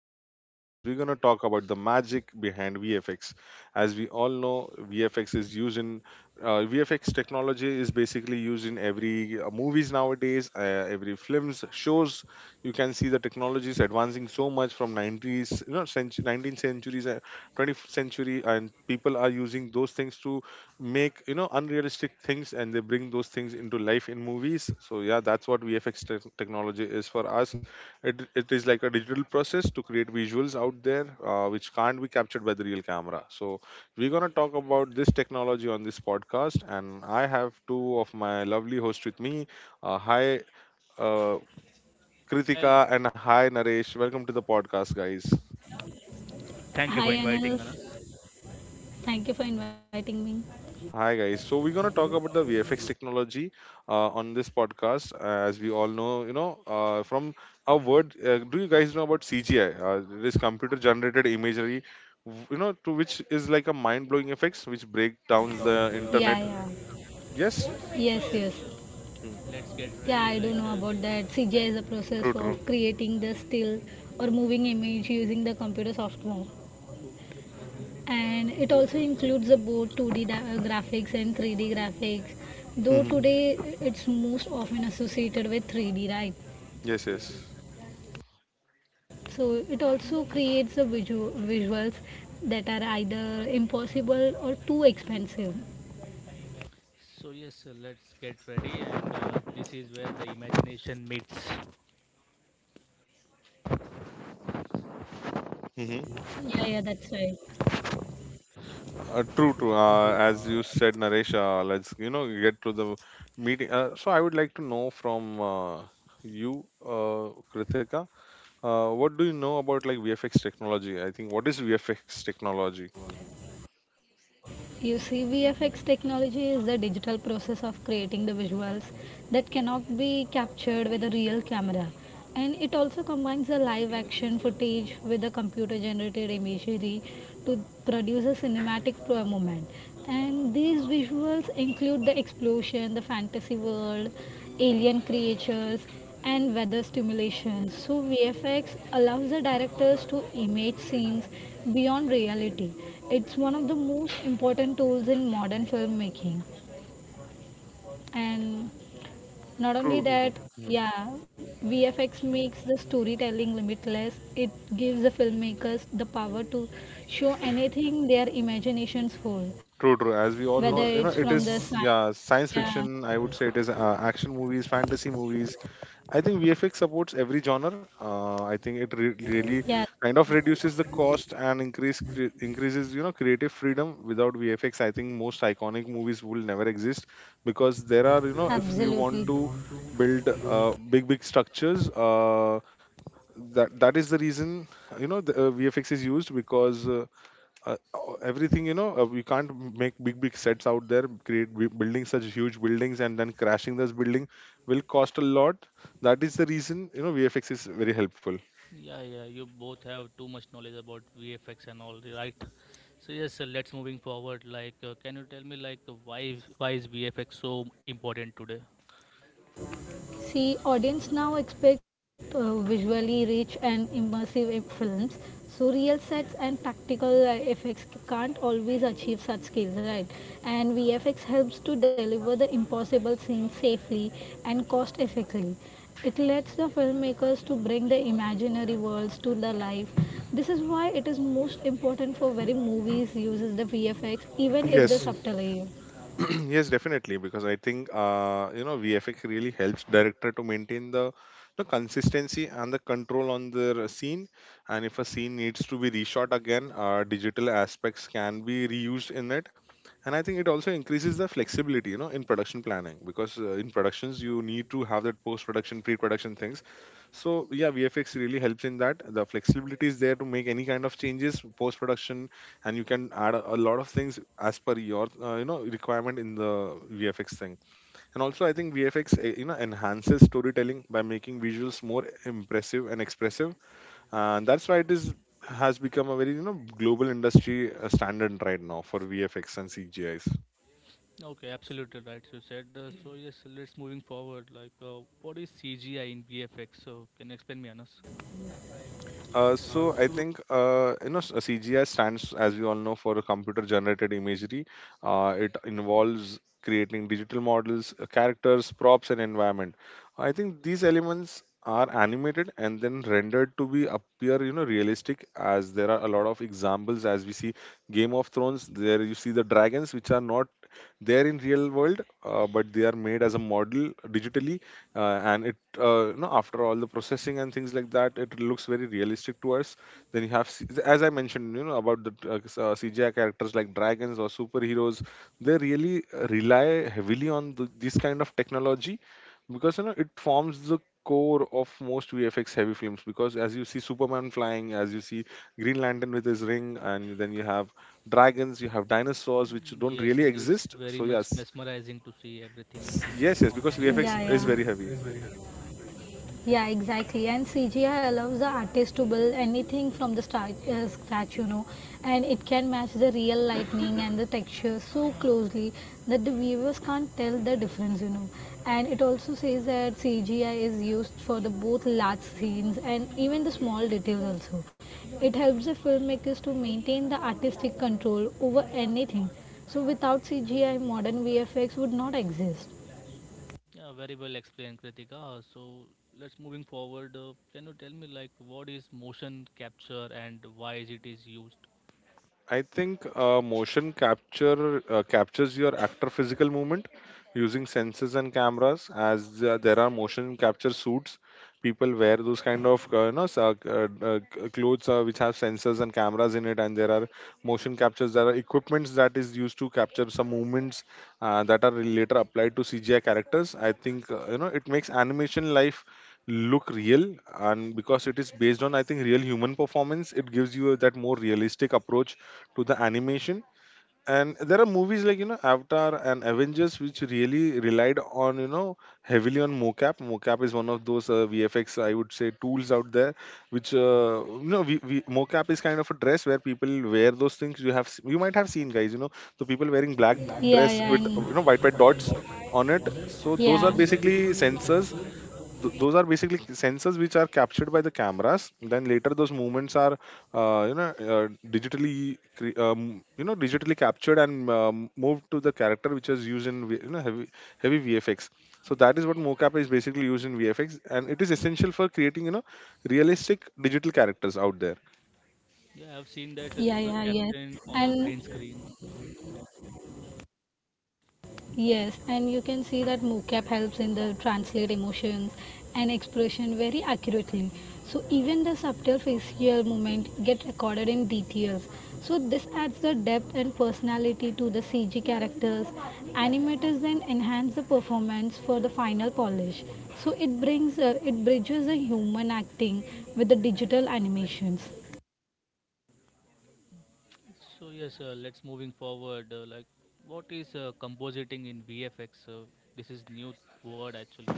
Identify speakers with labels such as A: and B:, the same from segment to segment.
A: on this podcast, we're going to talk about the magic behind VFX. As we all know, VFX is used in VFX technology is basically used in every movies nowadays, every films, shows. You can see the technology is advancing so much from 90s, 19th centuries, 20th century, and people are using those things to make unrealistic things, and they bring those things into life in movies. So yeah, that's what technology is for us. It is like a digital process to create visuals out there, which can't be captured by the real camera. So we're going to talk about this technology on this podcast, and I have two of my lovely hosts with me. Hi, uh, Kritika,
B: Hello.
A: and hi Naresh, welcome to the podcast guys.
B: Thank you for
C: Hi
B: inviting
C: Anil,
B: us.
C: thank you for inviting me.
A: Hi guys. So we're gonna talk about the VFX technology on this podcast. As we all know, you know, from a word, Do you guys know about CGI? It is computer-generated imagery, to which is like a mind-blowing effects which break down the
C: Yeah,
A: internet.
C: yeah.
A: Yes.
B: So
C: Yes, yes.
B: yes, uh,
A: Hmm.
B: let's get
C: Yeah,
B: ready.
C: I do know about that. CGI is a process
A: True. True.
C: of creating the still or moving image using the computer software. And it also includes the both 2D graphics and 3D graphics. Though
A: Hmm.
C: today it's most often associated with 3D, right?
A: Yes. Yes.
C: So it also creates the visuals that are either impossible or too expensive.
B: Let's get ready. And This is where the imagination meets.
A: Hmm.
C: Yeah, yeah, that's right.
A: True, true. As you said, Naresh, let's get to the meeting. So I would like to know from you, Krithika. What do you know about like VFX technology? I think what is VFX technology?
C: You see, VFX technology is the digital process of creating the visuals that cannot be captured with a real camera. And it also combines the live action footage with the computer generated imagery to produce a cinematic moment. And these visuals include the explosion, the fantasy world, alien creatures, and weather stimulation. So, VFX allows the directors to image scenes beyond reality. It's one of the most important tools in modern filmmaking. And not only
A: True, true.
C: that,
A: Mhm.
C: yeah, VFX makes the storytelling limitless. It gives the filmmakers the power to show anything their imaginations hold,
A: True, true.
C: whether
A: As we
C: it's
A: all
C: from
A: know,
C: the
A: it
C: science.
A: is, yeah,
C: Yeah,
A: science fiction. I would say it is action movies, fantasy movies. I think VFX supports every genre. I think it
C: yeah,
A: really kind of
C: right,
A: reduces the cost and increases, creative freedom. Without VFX, I think most iconic movies will never exist, because there are, if you
C: absolutely.
A: want to build big big structures. That is the reason, the VFX is used, because uh, everything, we can't make big big sets out there, create building, such huge buildings, and then crashing this building will cost a lot. That is the reason, VFX is very helpful.
B: Yeah, yeah, you both have too much knowledge about VFX and all, right? Let's moving forward. Can you tell me why why is VFX so important today?
C: See, audience now expect visually rich and immersive films. So real sets and practical effects can't always achieve such skills, right? And VFX helps to deliver the impossible scenes safely and cost effectively. It lets the filmmakers to bring the imaginary worlds to the life. This is why it is most important for very movies uses the VFX even if the
A: Yes.
C: subtly.
A: Yes, definitely, because I think, VFX really helps director to maintain the consistency and the control on the scene. And if a scene needs to be reshot again, digital aspects can be reused in it. And I think it also increases the flexibility, in production planning, because, in productions you need to have that post production, pre production things. So yeah, VFX really helps in that. The flexibility is there to make any kind of changes post production. And you can add a lot of things as per your requirement in the VFX thing. And also I think VFX, enhances storytelling by making visuals more impressive and expressive. And that's why it is, has become a very, global industry, standard right now for VFX and CGIs.
B: Okay, absolutely right. You said so. Yes, let's moving forward. What is CGI in VFX? So can you explain me, Anas?
A: So I think, CGI stands, as we all know, for a computer-generated imagery. It involves creating digital models, characters, props, and environment. I think these elements are animated and then rendered to be appear, realistic. As there are a lot of examples, as we see, Game of Thrones, there you see the dragons which are not there in real world, but they are made as a model digitally. And it after all the processing and things like that, it looks very realistic to us. Then you have, as I mentioned, about the CGI characters like dragons or superheroes, they really rely heavily on this kind of technology, because, it forms the core of most VFX heavy films. Because as you see Superman flying, as you see Green Lantern with his ring, and then you have dragons, you have dinosaurs which don't
B: Yes,
A: really
B: yes, it's
A: exist.
B: very
A: So
B: much
A: yes.
B: mesmerizing to see everything
A: Yes, yes,
B: on the
A: because
B: big.
C: Yeah,
A: VFX
C: yeah.
A: is very heavy.
C: Yeah, exactly. And CGI allows the artist to build anything from the scratch, you know, and it can match the real lightning and the texture so closely that the viewers can't tell the difference, you know. And it also says that CGI is used for the both large scenes and even the small details also. It helps the filmmakers to maintain the artistic control over anything. So without CGI, modern VFX would not exist.
B: Yeah, very well explained, Kritika. So let's moving forward. Can you tell me what is motion capture and why is it is used?
A: I think motion capture captures your actor physical movement using sensors and cameras. As there are motion capture suits, people wear those kind of clothes, which have sensors and cameras in it. And there are motion captures. There are equipments that is used to capture some movements, that are later applied to CGI characters. I think, it makes animation life look real. And because it is based on, I think, real human performance, it gives you that more realistic approach to the animation. And there are movies like, Avatar and Avengers, which really relied on, heavily, on mocap. Mocap is one of those VFX, I would say, tools out there, which, we mocap is kind of a dress where people wear those things. You have, you might have seen, guys, the people wearing black
C: Yeah,
A: dress
C: yeah,
A: with,
C: and
A: white dots on it. So those are
C: yeah.
B: Yes, yes.
A: basically sensors. Those are basically sensors which are captured by the cameras. Then later those movements are, uh, you know uh, digitally, cre- um, digitally captured, and, moved to the character, which is used in, heavy, heavy VFX. So that is what mocap is basically used in VFX, and it is essential for creating, realistic digital characters out there.
B: Yeah,
C: Yeah,
B: I've
C: yeah,
B: seen that
C: yes.
B: those are
C: And
B: captioned on the green screen.
C: yes, and you can see that mocap helps in the translate emotions and expression very accurately. So even the subtle facial movement get recorded in details. So this adds the depth and personality to the CG characters. Animators then enhance the performance for the final polish. So it brings it bridges the human acting with the digital animations.
B: Let's moving forward. What is compositing in VFX? This is new word actually.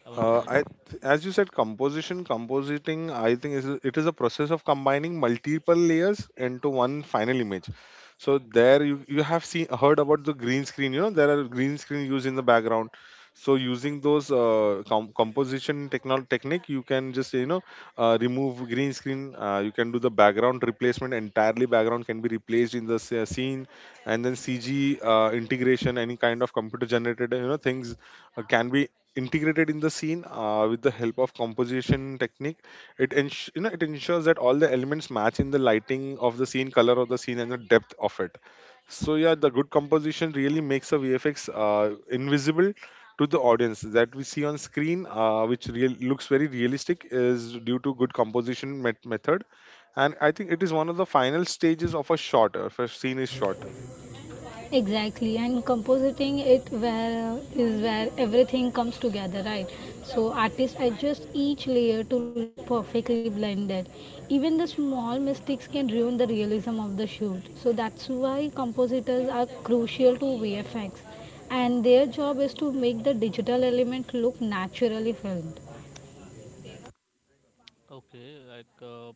B: I want to
A: Uh,
B: know this.
A: I, as you said, composition, compositing, I think it is a process of combining multiple layers into one final image. So there you have seen, heard about the green screen. You know there are green screen used in the background. So using those composition technique, you can just, remove green screen. You can do the background replacement entirely. Background can be replaced in the scene, and then CG integration, any kind of computer generated, things can be integrated in the scene, with the help of composition technique. It ensures that all the elements match in the lighting of the scene, color of the scene, and the depth of it. So yeah, the good composition really makes a VFX, invisible to the audience that we see on screen, which looks very realistic, is due to good composition method. And I think it is one of the final stages of a shot, if a scene is shot.
C: Exactly, and compositing it where is where everything comes together, right? So artists adjust each layer to look perfectly blended. Even the small mistakes can ruin the realism of the shoot, so that's why compositors are crucial to VFX, and their job is to make the digital element look naturally filmed.
B: Okay, like uh,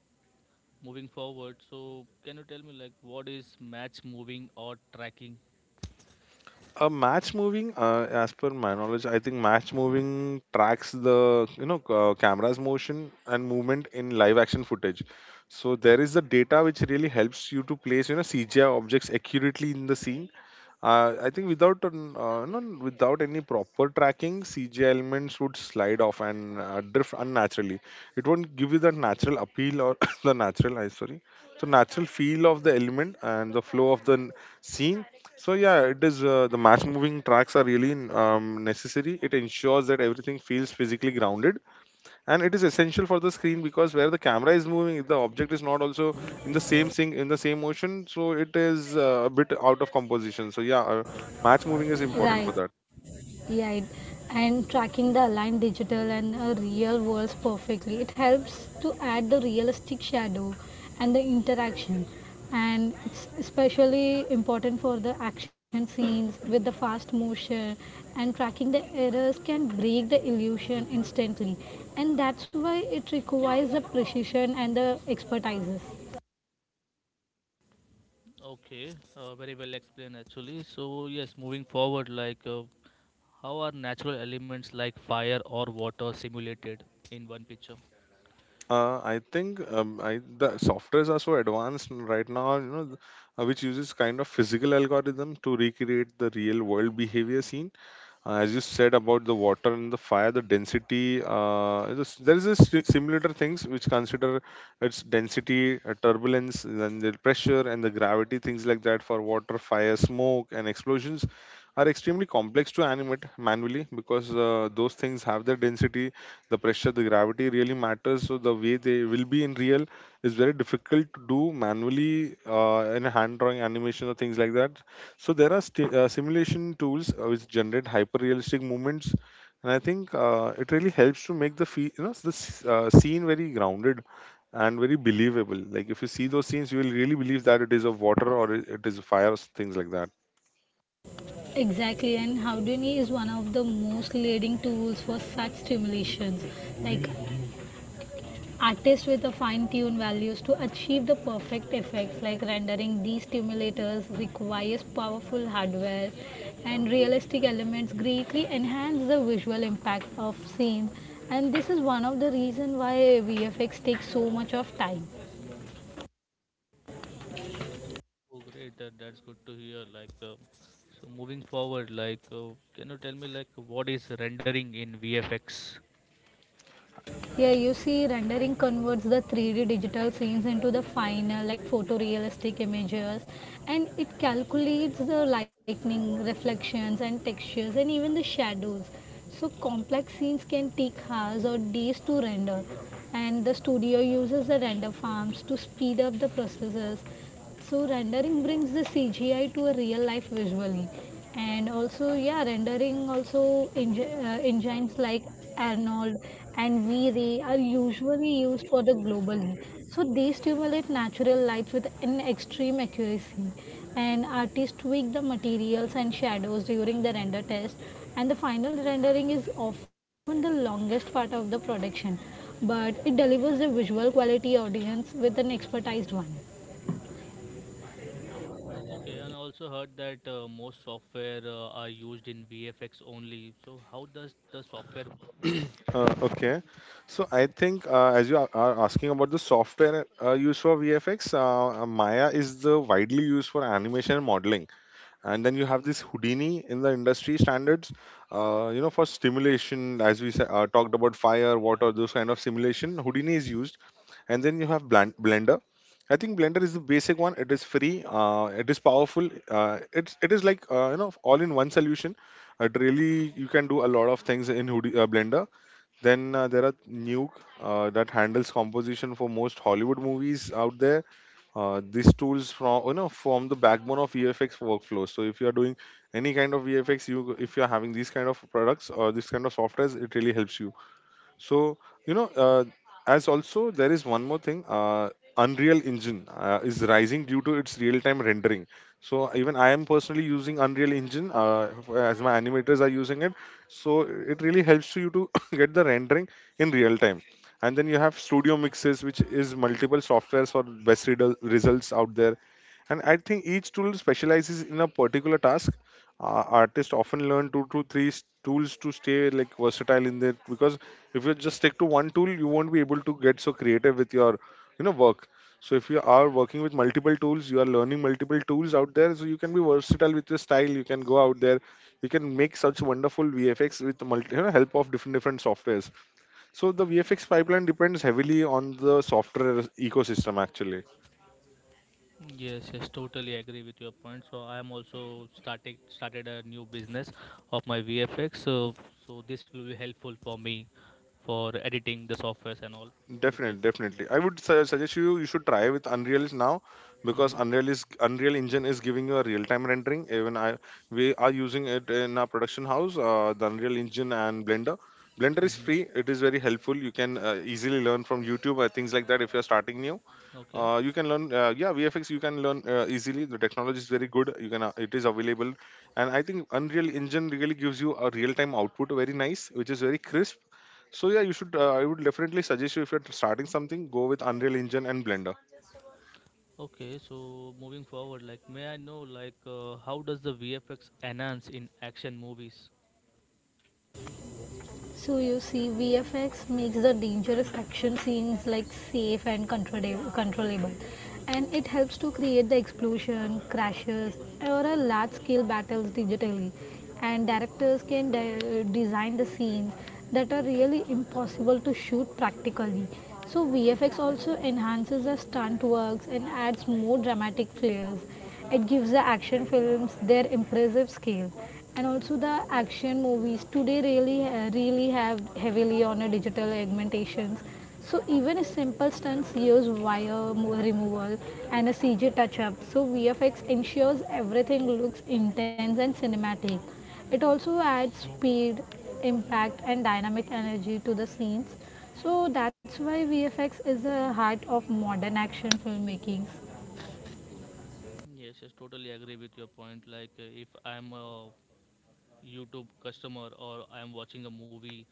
B: Moving forward. So can you tell me what is match moving or tracking?
A: A match moving, as per my knowledge, I think match moving tracks the, camera's motion and movement in live action footage. So there is the data which really helps you to place, CGI objects accurately in the scene. I think without without any proper tracking, CGI elements would slide off and, drift unnaturally. It won't give you the natural appeal, or the natural, I sorry, so natural feel of the element and the flow of the scene. So yeah, it is, the match moving tracks are really, necessary. It ensures that everything feels physically grounded. And it is essential for the screen, because where the camera is moving, if the object is not also in the same thing, in the same motion, so it is, a bit out of composition. So yeah, match moving is important
C: right
A: for that.
C: di and tracking the aligned digital and real worlds perfectly. It helps to add the realistic shadow and the interaction. And it's especially important for the action scenes with the fast motion, and tracking the errors can break the illusion instantly. And that's why it requires the precision and the expertises.
B: Okay, very well explained actually. So yes, moving forward, how are natural elements like fire or water simulated in one picture?
A: I think, the softwares are so advanced right now, which uses kind of physical algorithm to recreate the real world behavior seen. As you said about the water and the fire, the density, there is a simulator things which consider its density, turbulence, and the pressure and the gravity, things like that, for water, fire, smoke, and explosions are extremely complex to animate manually. Because, those things have their density, the pressure, the gravity really matters. So the way they will be in real is very difficult to do manually, in a hand drawing animation or things like that. So there are sti simulation tools, which generate hyper-realistic movements. And I think, it really helps to make the, scene very grounded and very believable. Like if you see those scenes, you will really believe that it is of water, or it is fire, or things like that.
C: Exactly, and Houdini is one of the most leading tools for such stimulations. Like artists with a fine-tuned values to achieve the perfect effects like rendering these stimulators requires powerful hardware, and realistic elements greatly enhance the visual impact of scenes. And this is one of the reasons why VFX takes so much of time.
B: Oh, great! That's good to hear. So moving forward, can you tell me what is rendering in VFX?
C: Here you see rendering converts the 3D digital scenes into the final like photorealistic images, and it calculates the lighting, reflections and textures and even the shadows. So complex scenes can take hours or days to render, and the studio uses the render farms to speed up the processes. So rendering brings the CGI to a real life visually, and also yeah, rendering also engines like Arnold and V-Ray are usually used for the globally. So they stimulate natural lights with an extreme accuracy, and artists tweak the materials and shadows during the render test, and the final rendering is often the longest part of the production, but it delivers a visual quality audience with an expertized one.
B: Okay, and I also heard that most software are used in VFX only. So how does the software work in VFX?
A: Uh, okay, so I think as you are asking about the software used for VFX, Maya is the widely used for animation and modeling, and then you have this Houdini in the industry standards. You know, for stimulation, as we talked about fire, water, those kind of simulation, Houdini is used. And then you have Blender. I think Blender is the basic one. It is free, it is powerful. It is like, you know, all in one solution. It really, you can do a lot of things in Blender. Then there are Nuke that handles composition for most Hollywood movies out there. These tools from you know, form the backbone of VFX workflows. So if you are doing any kind of VFX, you, if you are having these kind of products or this kind of softwares, it really helps you. So, you know, as also, there is one more thing. Unreal Engine is rising due to its real-time rendering. So even I am personally using Unreal Engine as my animators are using it. So it really helps you to get the rendering in real time. And then you have Studio Mixes, which is multiple softwares for best results out there, and I think each tool specializes in a particular task. Artists often learn two to three tools to stay like versatile in that, because if you just stick to one tool, you won't be able to get so creative with your, you know, work. So if you are working with multiple tools, you are learning multiple tools out there, so you can be versatile with your style. You can go out there, you can make such wonderful VFX with multi, you know, help of different different softwares. So the VFX pipeline depends heavily on the software ecosystem, actually.
B: Yes, yes, totally agree with your point. I am also starting started a new business of my VFX. So this will be helpful for me for editing the softwares and all on the
A: Definitely, definitely.
B: VFX.
A: I would suggest you should try with Unreal is now, because
B: Mm-hmm.
A: Unreal Engine is giving you a real time rendering. Even I we are using it in our production house, the Unreal Engine and Blender. Blender is free.
B: Mm-hmm.
A: It is very helpful. You can easily learn from YouTube or things like that if you are starting new.
B: Okay.
A: You can learn, VFX. You can learn easily. The technology is very good. You can it is available, and I think Unreal Engine really gives you a real time output, very nice, which is very crisp. So yeah, you should. I would definitely suggest you, if you're starting something, go with Unreal Engine and Blender.
B: Okay, so moving forward, may I know how does the VFX enhance in action movies?
C: So you see, VFX makes the dangerous action scenes like safe and controllable, and it helps to create the explosion, crashes, or a large-scale battles digitally. And directors can design the scenes that are really impossible to shoot practically. So VFX also enhances the stunt works and adds more dramatic flares. It gives the action films their impressive scale, and also the action movies today really really have heavily on a digital augmentations. So even a simple stunts use wire removal and a cg touch up. So VFX ensures everything looks intense and cinematic. It also adds speed, impact and dynamic energy to the scenes. So that's why VFX is the heart of modern action filmmaking.
B: Yes, yes, totally agree with your point. If I'm a YouTube customer or I'm watching a movie,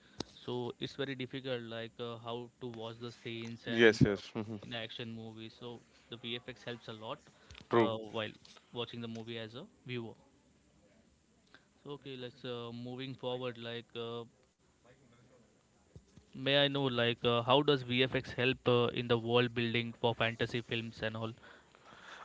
B: so it's very difficult how to watch the scenes and
A: Yes, yes. Hmm.
B: in action movies. So the VFX helps a lot
A: True.
B: while watching the movie as a viewer. So okay, let's moving forward. May I know, how does VFX help in the world building for fantasy films and all?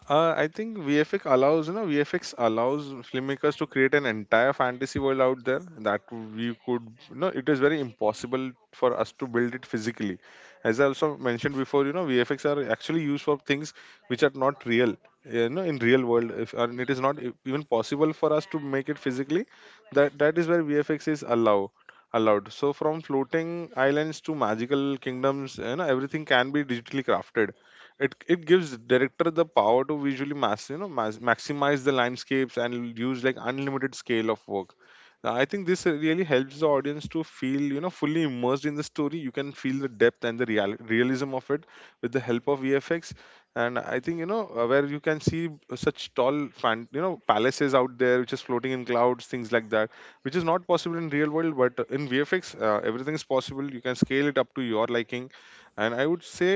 A: I think VFX allows filmmakers to create an entire fantasy world out there that we could, you know, it is very impossible for us to build it physically. As I also mentioned before, you know, VFX are actually used for things which are not real, you know, in real world. If, and it is
B: Correct,
A: not
B: correct.
A: even possible for us to make it physically, that is where VFX is allowed. So from floating islands to magical kingdoms, you know, everything can be digitally crafted. It gives director the power to visually mass you know mas maximize the landscapes and use like unlimited scale of work. Now, I think this really helps the audience to feel, you know, fully immersed in the story. You can feel the depth and the realism of it with the help of VFX. And I think, you know, where you can see, such tall fan you know palaces out there which is floating in clouds, things like that, which is not possible in real world, but in VFX, everything is possible. You can scale it up to your liking. And I would say,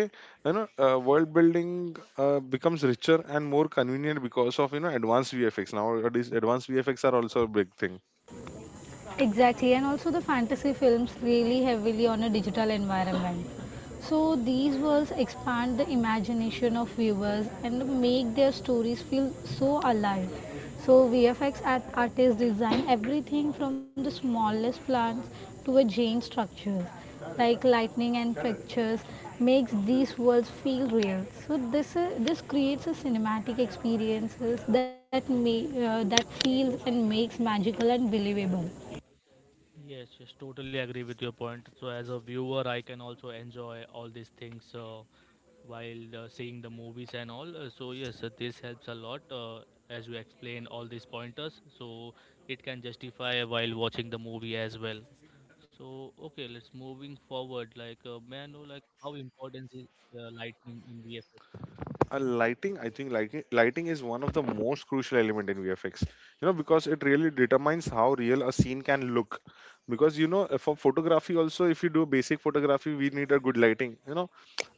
A: you know, world building becomes richer and more convenient because of, you know, advanced VFX. Nowadays advanced VFX are also a big thing.
C: Exactly, and also the fantasy films really heavily on a digital environment. So these worlds expand the imagination of viewers and make their stories feel so alive. So VFX artists design everything from the smallest plants to a giant structures. Like lightning and pictures makes these worlds feel real. So this creates a cinematic experiences that may that feels and makes magical and believable.
B: Yes, yes, totally agree with your point. So, as a viewer, I can also enjoy all these things while seeing the movies and all. So, yes, this helps a lot as you explain all these pointers. So, it can justify while watching the movie as well. So, okay, let's moving forward. May I know, how important is lighting in VFX?
A: A Lighting, I think lighting is one of the most crucial element in VFX, you know, because it really determines how real a scene can look. Because, you know, for photography also, if you do basic photography, we need a good lighting, you know.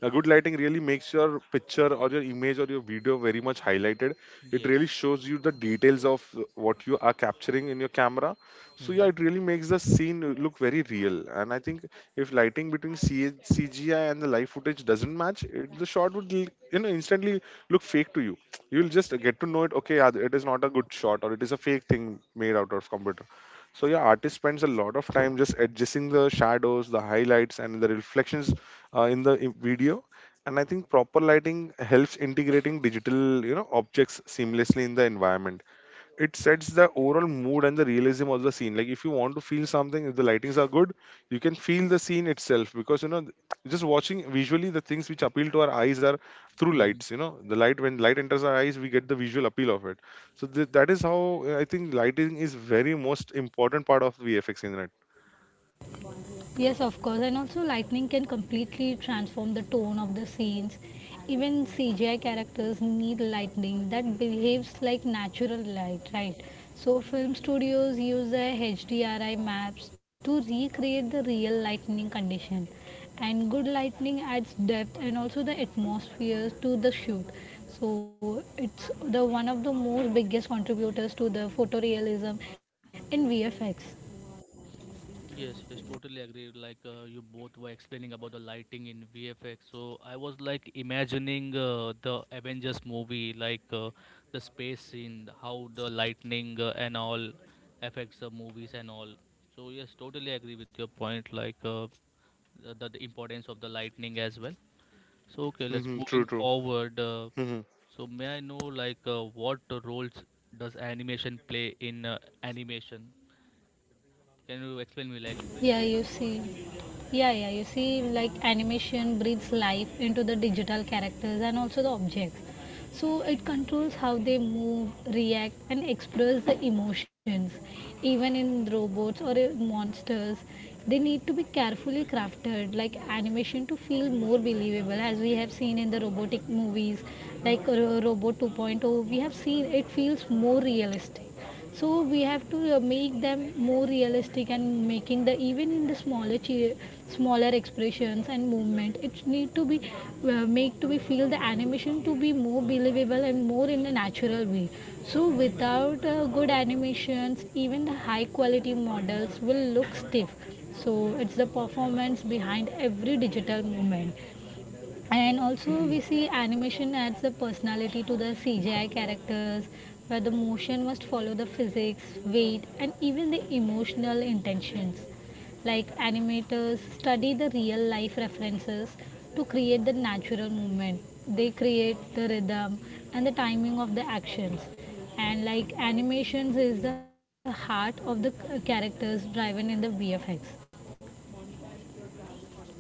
A: A good lighting really makes your picture or your image or your video very much highlighted. It really
B: Yes.
A: shows you the details of what you are capturing in your camera. So yeah,
B: Mm-hmm.
A: it really makes the scene look very real. And I think if lighting between CGI and the live footage doesn't match, the shot would you know, instantly look fake to you. You'll just get to know it. Okay, yeah, it is not a good shot, or it is a fake thing made out of computer. So yeah, artist spends a lot of time just adjusting the shadows, the highlights, and the reflections in the video. And I think proper lighting helps integrating digital, you know, objects seamlessly in the environment. It sets the overall mood and the realism of the scene. Like, if you want to feel something, if the lightings are good, you can feel the scene itself, because, you know, just watching visually, the things which appeal to our eyes are through lights. You know, the light, when light enters our eyes, we get the visual appeal of it. So that is how, I think lighting is very most important part of VFX in it.
C: Yes, of course, and also lightning can completely transform the tone of the scenes. Even CGI characters need lightning that behaves like natural light, right? So, film studios use the HDRI maps to recreate the real lightning condition. And good lightning adds depth and also the atmosphere to the shoot. So, it's the one of the most biggest contributors to the photorealism in VFX.
B: Yes, yes, totally agree. You both were explaining about the lighting in VFX, so I was like imagining the Avengers movie, the space scene, how the lightning and all affects the movies and all. So yes, totally agree with your point. Like, the importance of the lightning as well. So okay, let's
A: Hmm. True,
B: moving
A: true.
B: forward. So may I know what roles does animation play in animation? Can you explain me like?
C: Yeah, you see. Yeah, yeah, you see, like animation breathes life into the digital characters and also the objects. So it controls how they move, react, and express the emotions. Even in robots or monsters, they need to be carefully crafted, like animation, to feel more believable, as we have seen in the robotic movies, like Robot 2.0. We have seen it feels more realistic, so we have to make them more realistic and making the even in the smaller smaller expressions and movement it need to be uh, make to be feel the animation to be more believable and more in a natural way. So without good animations even the high quality models will look stiff. So it's the performance behind every digital movement. And also, we see animation adds the personality to the CGI characters, where the motion must follow the physics, weight, and even the emotional intentions. Like animators study the real life references to create the natural movement. They create the rhythm and the timing of the actions. And like animations is the heart of the characters driven in the VFX.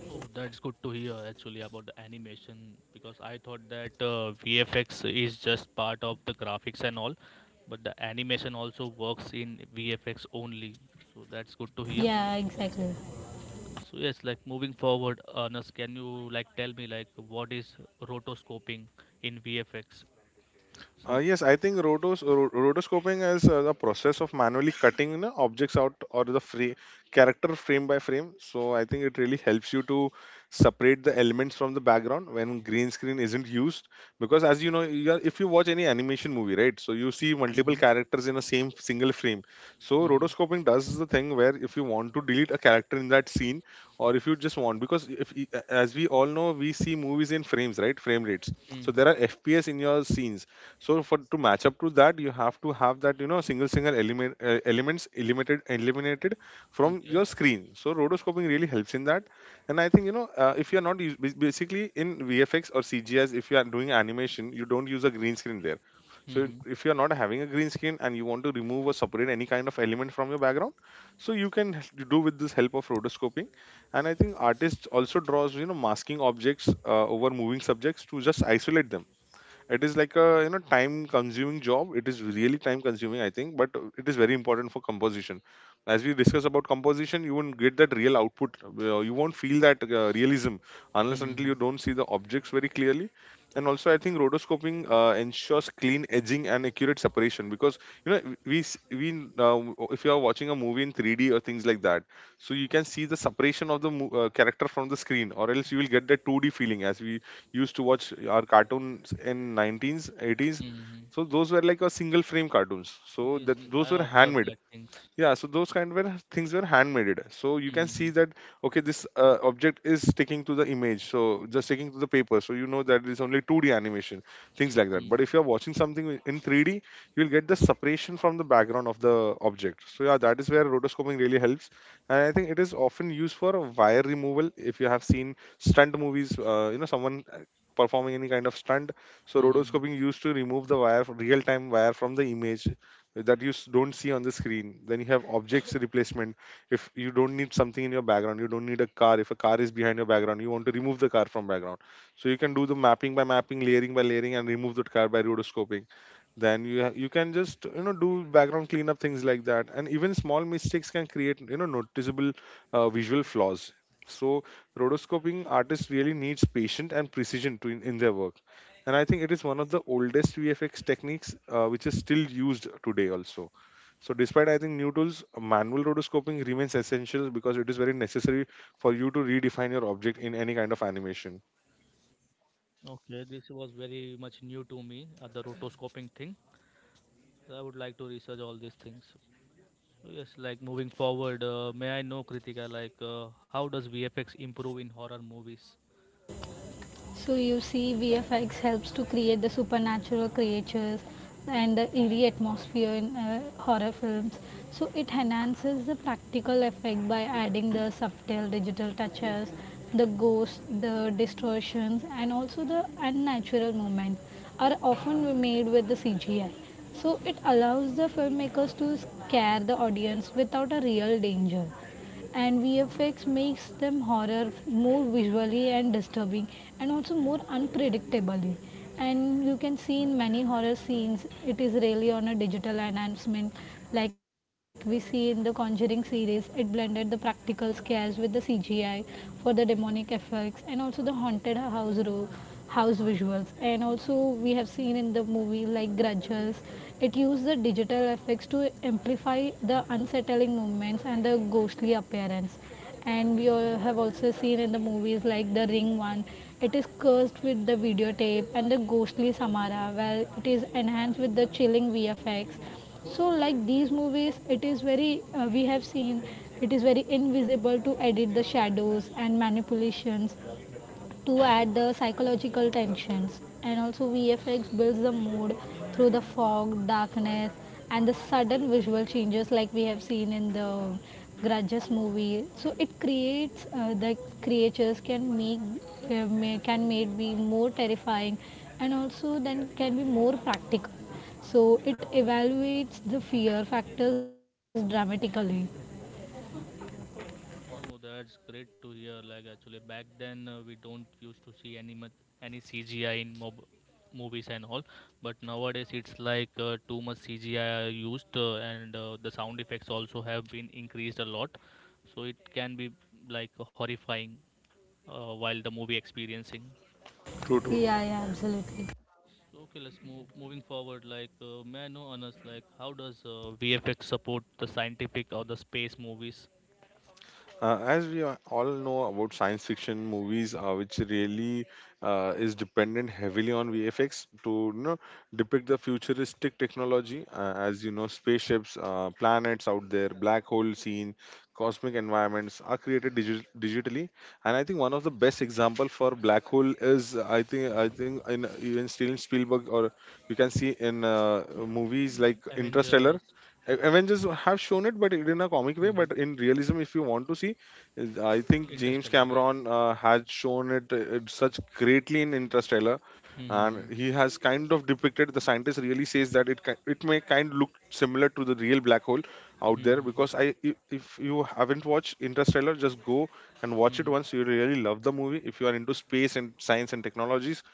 B: Oh, that's good to hear actually about the animation because I thought that VFX is just part of the graphics and all, but the animation also works in VFX only. So that's good to hear.
C: Yeah, exactly.
B: So yes, like moving forward, Ernest, can you tell me what is rotoscoping in VFX? Some.
A: Yes, I think rotoscoping is the process of manually cutting, you know, objects out or the free character frame by frame. So I think it really helps you to separate the elements from the background when green screen isn't used. Because, as you know, you are, if you watch any animation movie, right, so you see multiple
B: Mhm.
A: characters in a same single frame. So
B: Mhm.
A: rotoscoping does the thing where if you want to delete a character in that scene, or if you just want, because if, as we all know, we see movies in frames, right, frame rates.
B: Mm.
A: So there are FPS in your scenes, so for to match up to that, you have to have that, you know, single element, elements eliminated from
B: Okay.
A: your screen. So rotoscoping really helps in that. And I think, you know, if you're not use, bas- basically in VFX or CGs, if you are doing animation, you don't use a green screen there. So
B: Mhm.
A: if you're not having a green screen and you want to remove or separate any kind of element from your background, so you can do with this help of rotoscoping. And I think artists also draws, you know, masking objects over moving subjects to just isolate them. It is like a, you know, time consuming job. It is really time consuming, I think, but it is very important for composition. As we discuss about composition, you won't get that real output, you won't feel that realism unless until
B: Mhm.
A: you don't see the objects very clearly. And also, I think rotoscoping ensures clean edging and accurate separation, because, you know, we s- we uh, if you are watching a movie in 3D or things like that, so you can see the separation of the character from the screen, or else you will get the 2D feeling, as we used to watch our cartoons in 1980s.
B: Mhm.
A: So those were like a single frame cartoons, so
B: Yes. Yes.
A: that
B: I
A: those were
B: observed
A: handmade.
B: that things.
A: Yeah, so those kind of things were handmade, so you can see
B: Mhm.
A: that, okay, this object is sticking to the image, so just sticking to the paper, so you know that it's only 2D animation, things like that. But
B: Mhm.
A: if you're watching something in 3D, you'll get the separation from the background of the object. So yeah, that is where rotoscoping really helps. And I think it is often used for wire removal. If you have seen stunt movies, you know, someone performing any kind of stunt, so
B: Mhm.
A: rotoscoping used to remove the wire, real time wire, from the image that you don't see on the screen. Then you have objects replacement. If you don't need something in your background, you don't need a car, if a car is behind your background, you want to remove the car from background, so you can do the mapping by mapping, layering by layering, and remove that car by rotoscoping. Then you you can just, you know, do background cleanup, things like that. And even small mistakes can create, you know, noticeable visual flaws. So rotoscoping artists really needs patience and precision to in their work. And I think it is one of the oldest VFX techniques, which is still used today also. So despite, I think, new tools, manual rotoscoping remains essential, because it is very necessary for you to redefine your object in any kind of animation.
B: Okay, this was very much new to me, the rotoscoping thing. So I would like to research all these things. So yes, like moving forward, may I know, Kritika, how does VFX improve in horror movies?
C: So you see, VFX helps to create the supernatural creatures and the eerie atmosphere in horror films. So it enhances the practical effect by adding the subtle digital touches, the ghosts, the distortions, and also the unnatural movement are often made with the CGI. So it allows the filmmakers to scare the audience without a real danger, and VFX makes them horror more visually and disturbing and also more unpredictably. And you can see in many horror scenes it is really on a digital enhancement. Like we see in the Conjuring series, it blended the practical scares with the CGI for the demonic effect, and also the haunted house house visuals. And also we have seen in the movie like Grudges, it used the digital effects to amplify the unsettling movements and the ghostly appearance. And we all have also seen in the movies like The Ring one, it is cursed with the videotape and the ghostly Samara. Well, it is enhanced with the chilling VFX. So like these movies it is very we have seen it is very invisible to edit the shadows and manipulations to add the psychological tensions. And also, VFX builds the mood through the fog, darkness, and the sudden visual changes, like we have seen in the Grudges movie. So it creates the creatures can make can made be more terrifying, and also then can be more practical. So it evaluates the fear factors dramatically.
B: No, that's great to hear. Like actually, back then we don't used to see any much, any CGI in mob movies and all, but nowadays it's like too much CGI used, and the sound effects also have been increased a lot, so it can be like horrifying while the movie experiencing.
A: True, true.
C: Yeah, yeah, absolutely.
B: So okay, let's move moving forward. May I know, Anas, how does VFX support the scientific or the space movies?
A: As we all know about science fiction movies, which really is dependent heavily on VFX to depict the futuristic technology, as you know, spaceships, planets out there, black hole scene. Cosmic environments are created digitally. And I think one of the best example for black hole is I think in even Steven Spielberg, or you can see in movies like
B: Avengers,
A: Interstellar. Avengers have shown it, but it in a comic way. But
B: hmm.
A: in realism, if you want to see, I think James
B: Interstellar, right?
A: Cameron has shown it, it such greatly in Interstellar, and he
B: Mm-hmm.
A: has kind of depicted. The scientist really says that it it may kind look similar to the real black hole out there.
B: Mm-hmm.
A: If you haven't watched Interstellar, just go and watch it
B: Mm-hmm.
A: once. You really love the movie. If you are into space and science and technologies,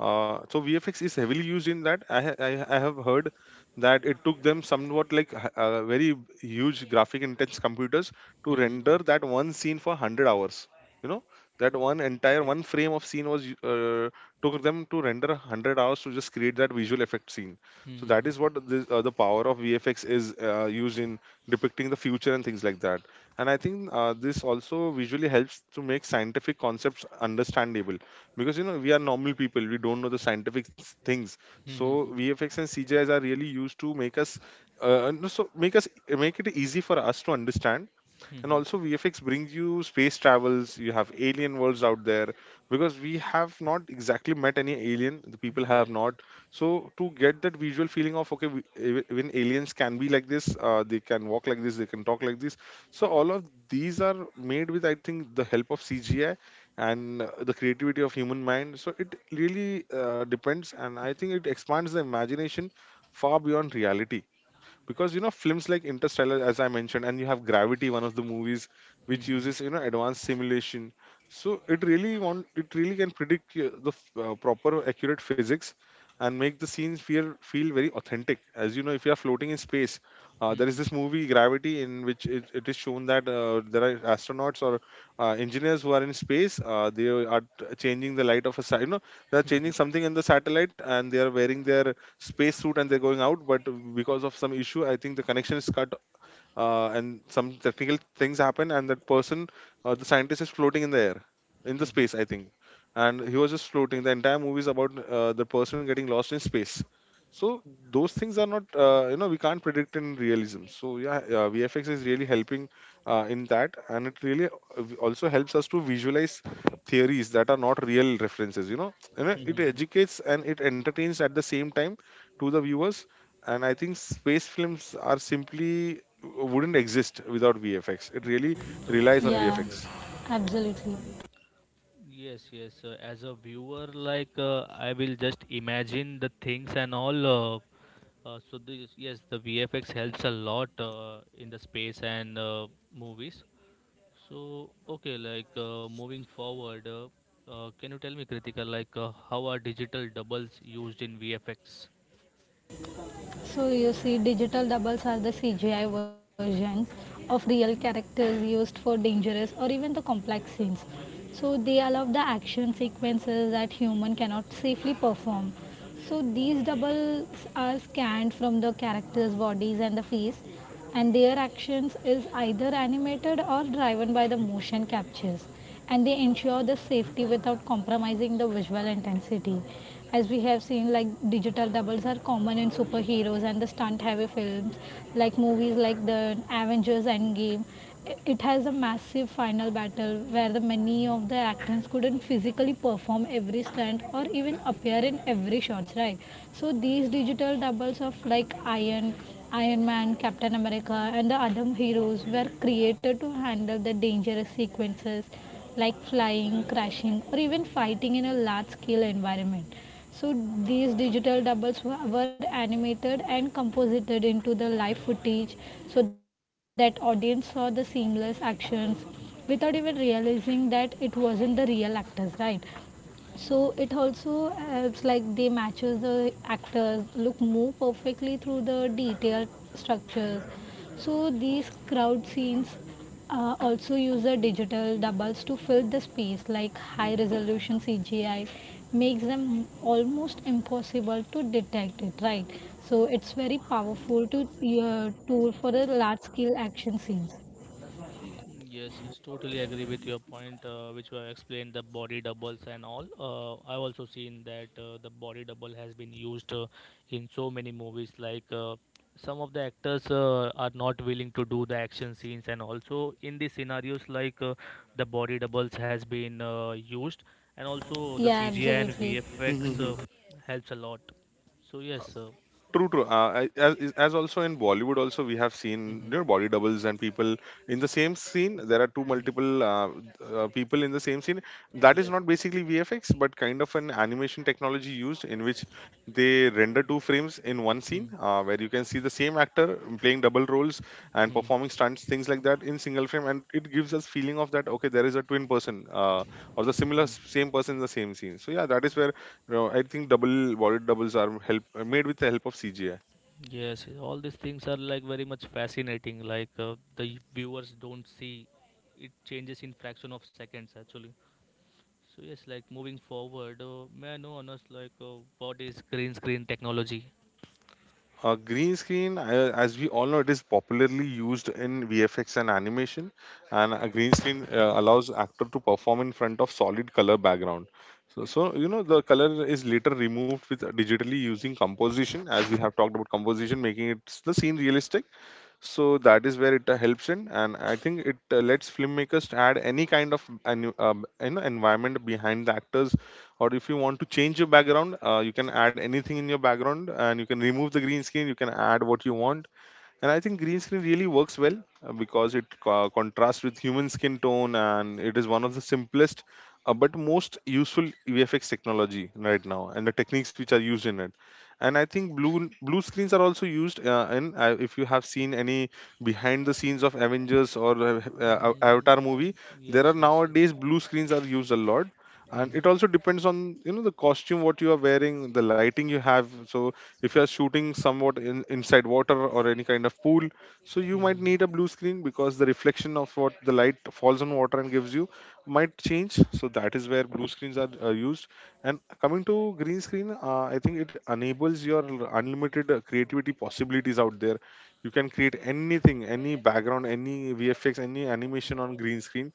A: so VFX is heavily used in that. I have heard that it took them somewhat like very huge graphic intense computers to render
B: Mm-hmm.
A: that one scene for 100 hours you know that
B: Oh,
A: one entire
B: great.
A: one frame of scene was took them to render 100 hours to just create that visual effect scene. So that
B: Mm-hmm.
A: is what the power of VFX is used in depicting the future and things like that. And I think, this also visually helps to make scientific concepts understandable, because you know we are normal people, we don't know the scientific things. So
B: Mm-hmm.
A: VFX and CGIs are really used to make us no, so make us make it easy for us to understand. And
B: Mm-hmm.
A: also VFX brings you space travels, you have alien worlds out there, because we have not exactly met any alien, the people have
B: Yes.
A: not. So to get that visual feeling of, okay, even aliens can be like this, they can walk like this, they can talk like this. So all of these are made with, I think, the help of CGI and, the creativity of human mind. So it really, depends, and I think it expands the imagination far beyond reality, because you know, films like Interstellar, as I mentioned, and you have Gravity, one of the movies, which
B: Mm-hmm.
A: uses, you know, advanced simulation. So it really can predict, the proper accurate physics and make the scenes feel very authentic. As you know, if you are floating in space, there is
B: Mm-hmm.
A: this movie Gravity in which it is shown that, there are astronauts or, engineers who are in space. Uh, they are changing the light of a sat. They are changing
B: Mm-hmm.
A: something in the satellite and they are wearing their space suit and they're going out. But because of some issue, I think the connection is cut, and some technical things happen, and that person, the scientist, is floating in the air, in the
B: Mm-hmm.
A: space, I think, and he was just floating. The entire movie is about, the person getting lost in space. So those things are not, we can't predict in realism. So yeah, VFX is really helping, in that, and it really, also helps us to visualize theories that are not real references. You know, and it
B: Mm-hmm.
A: educates and it entertains at the same time to the viewers. And I think space films are simply wouldn't exist without VFX, it really
B: Totally.
A: relies on
C: Yeah,
A: VFX.
C: absolutely.
B: Yes, yes. As a viewer, I will just imagine the things and all. So this, yes, the VFX helps a lot in the space and movies. So okay, moving forward, can you tell me, Kritika, how are digital doubles used in VFX?
C: So you see, digital doubles are the CGI versions of real characters used for dangerous or even the complex scenes. So they allow the action sequences that human cannot safely perform. So these doubles are scanned from the characters' bodies and the face, and their actions is either animated or driven by the motion captures, and they ensure the safety without compromising the visual intensity. As we have seen, like, digital doubles are common in superheroes and the stunt heavy films, like movies like the Avengers Endgame. It has a massive final battle where the many of the actors couldn't physically perform every stunt or even appear in every shots, right? So these digital doubles of like Iron Man, Captain America, and the other heroes were created to handle the dangerous sequences like flying, crashing, or even fighting in a large scale environment. So these digital doubles were animated and composited into the live footage so that audience saw the seamless actions without even realizing that it wasn't the real actors, right? So it also helps, like, they matches the actors look more perfectly through the detailed structures. So these crowd scenes also use the digital doubles to fill the space, like high resolution CGI makes them almost impossible to detect it, right? So it's very powerful to, tool for the large scale action scenes.
B: Yes, yes, totally agree with your point, which were explained the body doubles and all. I've also seen that the body double has been used in so many movies. Some of the actors are not willing to do the action scenes, and also in the scenarios, the body doubles has been used, and also the
C: Yeah,
B: CGI and
C: absolutely.
B: VFX
A: Mhm.
B: helps a lot. So yes,
A: True, true. I- as, is- as also in Bollywood, also we have seen, you know,
B: mm-hmm,
A: body doubles and people in the same scene. There are two
B: mm-hmm,
A: multiple, people in the same scene, that
B: yes,
A: is not basically VFX, but kind of an animation technology used in which they render two frames in one scene, where you can see the same actor playing double roles and
B: mm-hmm.
A: performing stunts, things like that, in single frame, and it gives us feeling of that, okay, there is a twin person, or the similar same person in the same scene. So yeah, that is where, you know, I think double body doubles are help are made with the help of CGI.
B: Yes, yes. All these things are like very much fascinating. The viewers don't see it changes in fraction of seconds actually. So yes, like moving forward, may I know on us what is green screen technology?
A: Green screen, as we all know, it is popularly used in VFX and animation, and a green screen, allows actor to perform in front of solid color background. So, you know, the color is later removed with digitally using composition, as we have talked about composition, making it the scene realistic. So that is where it, helps in, and I think it, lets filmmakers add any kind of an, you know, environment behind the actors. Or if you want to change your background, you can add anything in your background and you can remove the green screen, you can add what you want. And I think green screen really works well, because it contrasts with human skin tone, and it is one of the simplest, but most useful VFX technology right now, and the techniques which are used in it. And I think blue screens are also used, in, if you have seen any behind the scenes of Avengers or,
B: Mm,
A: Avatar movie,
B: yes,
A: there are
B: yes, yes.
A: nowadays blue screens are used a lot. And
B: Mm-hmm.
A: it also depends on, you know, the costume what you are wearing, the lighting you have. So if you are shooting somewhat inside water or any kind of pool, so you might
B: Mm-hmm.
A: need a blue screen, because the reflection of what the light falls on water and gives you might change. So that is where blue screens are, used. And coming to green screen, I think it enables your unlimited, creativity possibilities out there. You can create anything, any background, any VFX, any animation on green screen.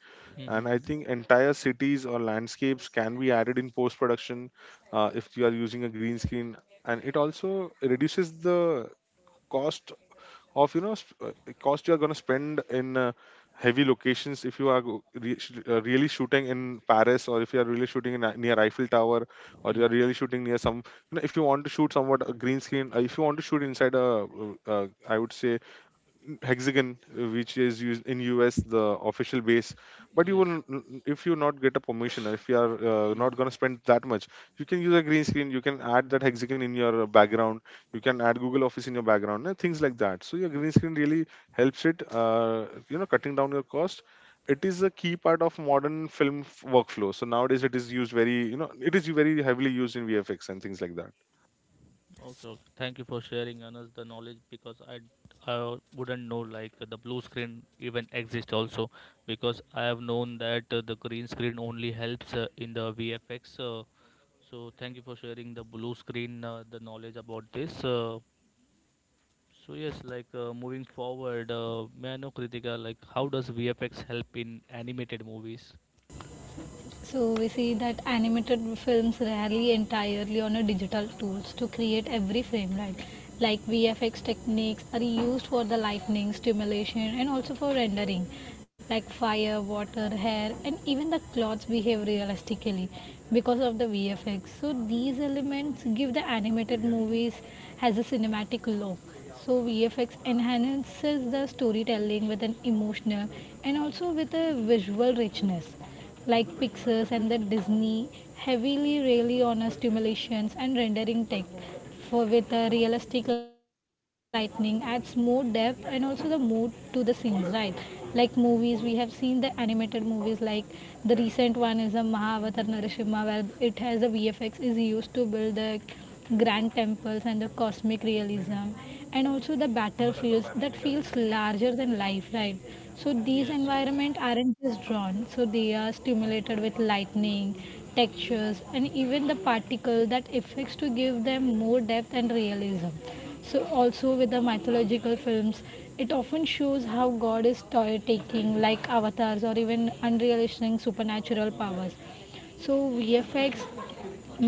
A: And I
B: Mm-hmm.
A: think entire cities or landscapes can be added in post production, if you are using a green screen. And it also reduces the cost of, you know, cost you are going to spend in, heavy locations. If you are really shooting in Paris, or if you are really shooting in, near Eiffel Tower, or you
B: Mm-hmm.
A: are really shooting near some, you know, if you want to shoot somewhat a green screen, if you want to shoot inside a, I would say hexagon, which is used in US, the official base, but you
B: Yes.
A: will if you not get a permission, or if you are,
B: Mm-hmm.
A: not going to spend that much, you can use a green screen, you can add that hexagon in your, background, you can add Google office in your background and things like that. So your green screen really helps it, you know, cutting down your cost. It is a key part of modern film workflow, so nowadays it is used very, you know, it is very heavily used in VFX and things like that.
B: Also, thank you for sharing Anas the knowledge because I wouldn't know like the blue screen even exists also because I have known that the green screen only helps in the VFX. So thank you for sharing the blue screen the knowledge about this. So yes, moving forward, may I know Kritika like how does VFX help in animated movies?
C: So we see that animated films rely entirely on a digital tools to create every frame, right? Like VFX techniques are used for the lightning stimulation and also for rendering, like fire, water, hair, and even the clothes behave realistically because of the VFX. So these elements give the animated movies has a cinematic look. So VFX enhances the storytelling with an emotional and also with a visual richness, like Pixar and the Disney heavily rely on a stimulations and rendering tech for with a realistic lighting adds more depth and also the mood to the scenes, right? Like movies, we have seen the animated movies like the recent one is a Mahavatar Narsimha, where it has a VFX is used to build the grand temples and the cosmic realism and also the battlefields that feels larger than life, right? So these
B: Yes, yes.
C: environment aren't just drawn, so they are stimulated with lightning, textures, and even the particle that effects to give them more depth and realism. So also with the mythological films, it often shows how god is toy taking like avatars or even unrealistic supernatural powers. So VFX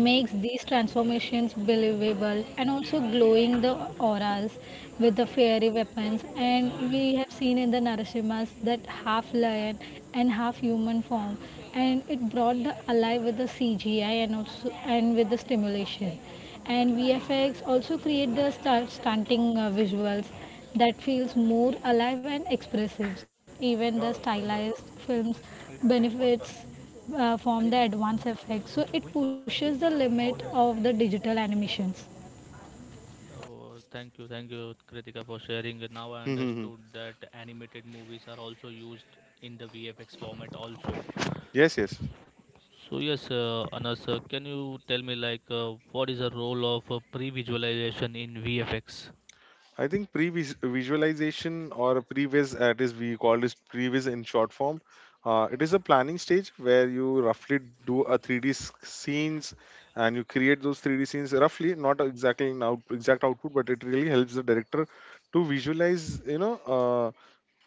C: makes these transformations believable and also glowing the auras with the fairy weapons. And we have seen in the Narasimas that half lion and half human form, and it brought the alive with the CGI and also and with the stimulation. And VFX also create the stunting visuals that feels more alive and expressive. Even the stylized films benefits from the advanced effects, so it pushes the limit of the digital animations.
B: Oh, thank you, Kritika, for sharing. Now I
A: Hmm, hmm, hmm.
B: understood that animated movies are also used in the VFX format also.
A: Yes, yes.
B: So yes, Anas, can you tell me what is the role of pre-visualization in VFX?
A: I think pre-visualization, or previs, it is we call this previs in short form. It is a planning stage where you roughly do a 3D scenes, and you create those 3D scenes roughly, not exactly in out, exact output, but it really helps the director to visualize, you know,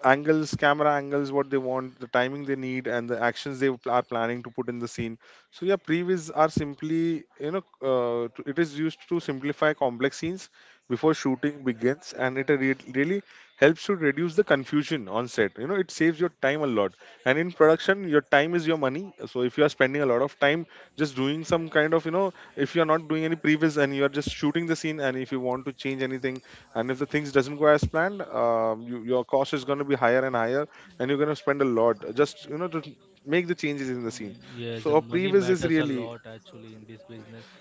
A: angles, camera angles, what they want, the timing they need, and the actions they are planning to put in the scene. So yeah, previs are simply, you know, it is used to simplify complex scenes before shooting begins, and it really helps to reduce the confusion on set. You know, it saves your time a lot, and in production, your time is your money. So if you are spending a lot of time just doing some kind of, you know, if you are not doing any previs and you are just shooting the scene, and if you want to change anything, and if the things doesn't go as planned, you, your cost is going to be higher and higher, and you're going to spend a lot, just, you know, to make the changes in the scene.
B: Mm, yes, the
A: So a
B: money
A: previs is
B: matters a
A: really.
B: lot actually in this business.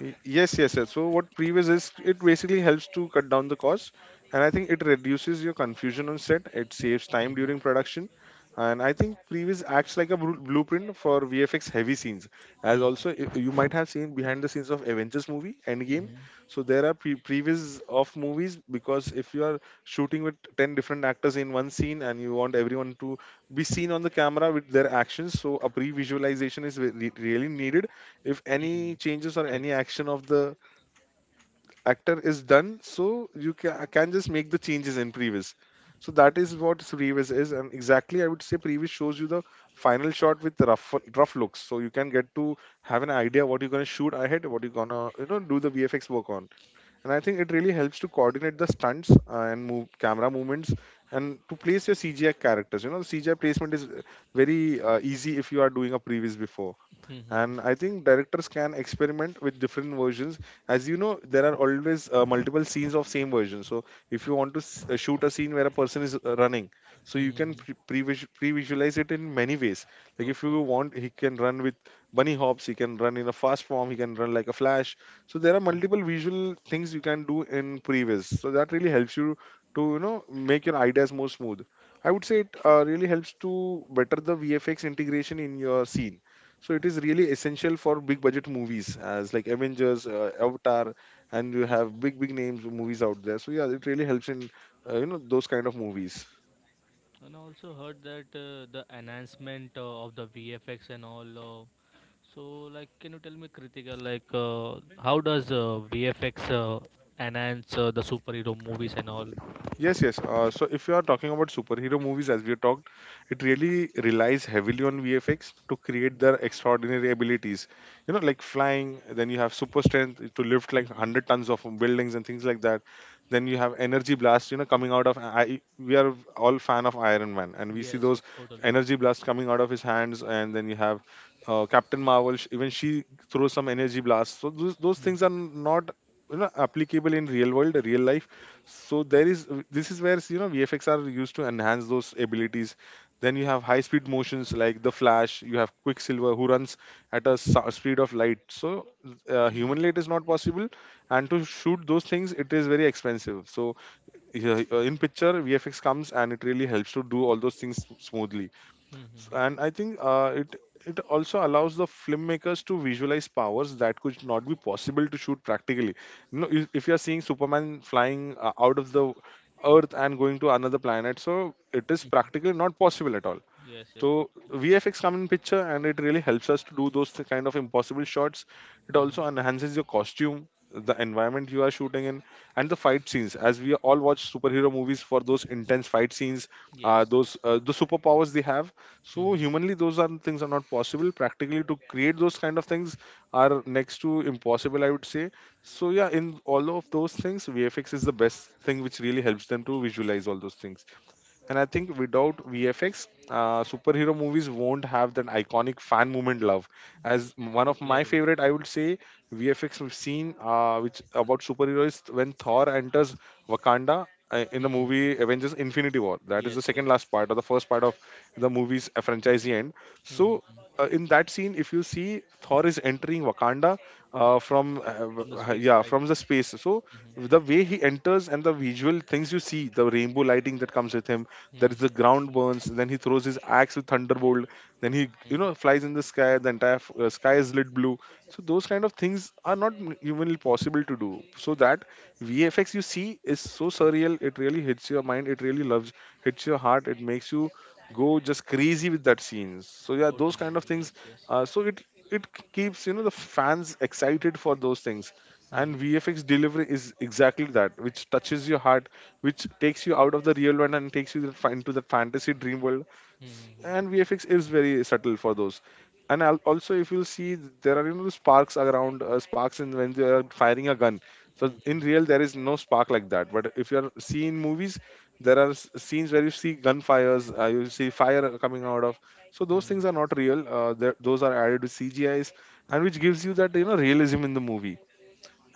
A: Yes, yes, yes. So what previous is, it basically helps to cut down the cost, and I think it reduces your confusion on set. It saves time during
B: Mm-hmm.
A: production, and I think previous acts like a blueprint for VFX heavy scenes. As also you might have seen behind the scenes of Avengers movie Endgame.
B: Mm-hmm.
A: So there are previous of movies because if you are shooting with ten different actors in one scene and you want everyone to be seen on the camera with their actions, so a pre-visualization is really needed if any
B: Mm-hmm.
A: changes or
B: Correct.
A: any action of the actor is done so you can just make the changes in previous. So that is what previous is. And exactly, I would say previous shows you the final shot with the rough looks, so you can get to have an idea what you're going to shoot ahead, what you're going to do the VFX work on. And I think it really helps to coordinate the stunts and move camera movements and to place your CGI characters. You know, CGI placement is very easy if you are doing a previous before.
B: Mm-hmm.
A: And I think directors can experiment with different versions. As you know, there are always multiple scenes of same version. So if you want to shoot a scene where a person is running, so you can
B: Mm-hmm.
A: pre-visualize it in many ways. Like if
B: Okay.
A: you want, he can run with bunny hops, he can run in a fast form, he can run like a flash. So there are
B: Mm-hmm.
A: multiple visual things you can do in previs, so that really helps you to make your ideas more smooth. I would say it really helps to better the VFX integration in your scene. So it is really essential for big budget movies as like Avengers, Avatar, and you have big big names movies out there. So yeah, it really helps in you know those kind of movies.
B: And I also heard that the enhancement of the VFX and all. So, can you tell me, Kritika, how does VFX enhance the superhero movies and all?
A: Yes, yes. So if you are talking about superhero movies, as we talked, it really relies heavily on VFX to create their extraordinary abilities. You know, like flying, then you have super strength to lift like
B: Hmm.
A: 100 tons of buildings and things like that. Then you have energy blasts, you know, coming out of. We are all fan of Iron Man, and we see
B: Yes,
A: those
B: yes, totally.
A: energy blasts coming out of his hands. And then you have Captain Marvel, even she throws some energy blasts. So those
B: Mm-hmm.
A: things are not applicable in real world real life. So there is this is where you know VFX are used to enhance those abilities. Then you have high speed motions like the flash. You have quicksilver who runs at a speed of light. So human light is not possible, and to shoot those things it is very expensive. So yeah, in picture VFX comes and it really helps to do all those things smoothly.
B: Hmm.
A: And I think it also allows the filmmakers to visualize powers that could not be possible to shoot practically. You know, if you're seeing Superman flying out of the earth and going to another planet, so it is practically not possible at all.
B: Yes, yes,
A: So
B: totally.
A: VFX come in picture, and it really helps us to do those kind of impossible shots. It
B: Hmm, hmm.
A: also enhances your costume, the environment you are shooting in, and the fight scenes. As we all watch superhero movies for those intense fight scenes,
B: Yes, yes.
A: those the superpowers they have.
B: Hmm, hmm,
A: So
B: hmm.
A: humanly, those are things are not possible. Practically, to create those kind of things are next to impossible, I would say. So yeah, in all of those things, VFX is the best thing which really helps them to visualize all those things. And I think without VFX, superhero movies won't have that iconic fan movement love.
B: Yes,
A: As
B: yes,
A: one of
B: totally
A: my
B: agree.
A: favorite, I would say VFX we've seen, which about superheroes when Thor enters Wakanda
B: Hmm,
A: in the
B: hmm.
A: movie Avengers: Infinity War. That is
B: Yes,
A: the
B: yes.
A: second last part or the first part of the movie's franchise end.
B: Hmm, hmm,
A: So
B: hmm.
A: in that scene, if you see, Thor is entering Wakanda
B: Hmm.
A: from
B: From the space,
A: yeah
B: right?
A: from the space. So
B: Hmm, hmm.
A: the way he enters and the visual things you see, the rainbow lighting that comes with him.
B: Hmm,
A: There is the
B: hmm,
A: ground burns. Then he throws his axe with thunderbolt. Then he you
B: hmm.
A: know flies in the sky. The entire sky is lit blue. So those kind of things are not humanly possible to do. So that VFX you see is so surreal. It really hits your mind. It really loves hits your heart. It makes you go just crazy with that scenes. So yeah, those
B: Totally
A: kind of
B: agree.
A: things.
B: Yes, yes.
A: So it keeps you know the fans excited for those things,
B: Hmm,
A: and
B: hmm.
A: VFX delivery is exactly that, which touches your heart, which takes you out of the real world and takes you into the fantasy dream world.
B: Hmm, hmm,
A: And
B: hmm.
A: VFX is very subtle for those. And also, if you see, there are you know sparks in when they are firing a gun. So in
B: Mhm,
A: real, there is no spark like that. But if you are seeing movies, there are scenes where you see gunfires, you see fire coming out of. So those
B: mhm,
A: things are not real. Those are added with CGIs, and which gives you that you know realism in the movie.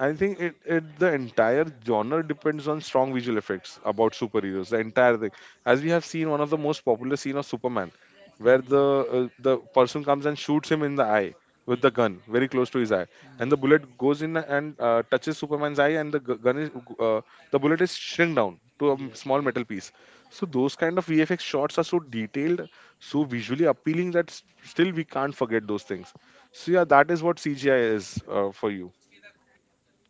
A: I think it, it the entire genre depends on strong visual effects about superheroes. The entire thing, as we have seen, one of the most popular scene of Superman, where
B: mhm,
A: the person comes and shoots him in the eye with the
B: mhm.
A: gun very close to his eye, and the
B: Yes, yes,
A: bullet goes in and touches Superman's eye, and the gun is uh, the bullet is shrink down to a
B: yes.
A: small
B: Yes.
A: metal piece. So those kind of VFX shots are so detailed, so
B: Mm.
A: visually appealing that still we can't forget those things. So yeah, that is what CGI is for you.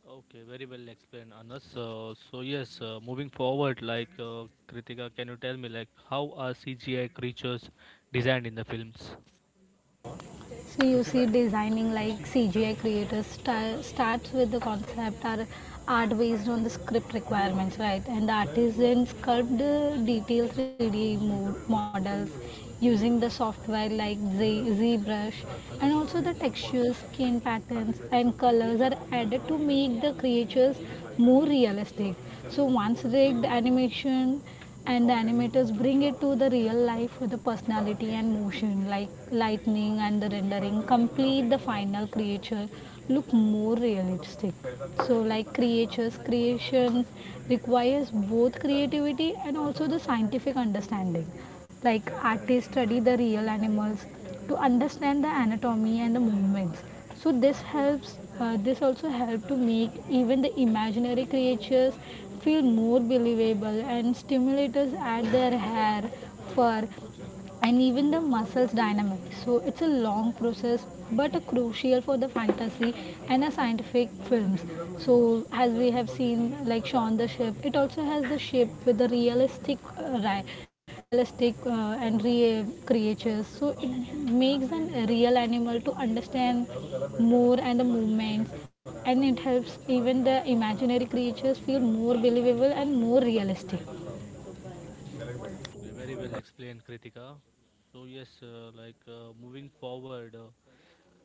B: Okay, very well explained, Anas. So yes, moving forward, Kritika, can you tell me how are CGI creatures designed in the films?
C: So you see, designing like CGI creators starts with the concept or art based on the script requirements, right? And the artisans sculpt the detailed 3D models using the software like ZBrush, and also the textures, skin patterns and colors are added to make the creatures more realistic. So once rigged animation, and the animators bring it to the real life with the personality and motion like lightning and the rendering complete the final creature look more realistic. So like creatures creations requires both creativity and also the scientific understanding, like artists study the real animals to understand the anatomy and the movements. So this helps, this also helps to make even the imaginary creatures feel more believable. And stimulators add their hair, fur, and even the muscles dynamic. So it's a long process but a crucial for the fantasy and a scientific films. So as we have seen, like Shaun the Sheep, it also has the shape with the realistic realistic and real creatures, so it makes an real animal to understand more and the movements, and it helps even the imaginary creatures feel more believable and more realistic.
B: Okay, very well explained, Kritika. So yes, moving forward,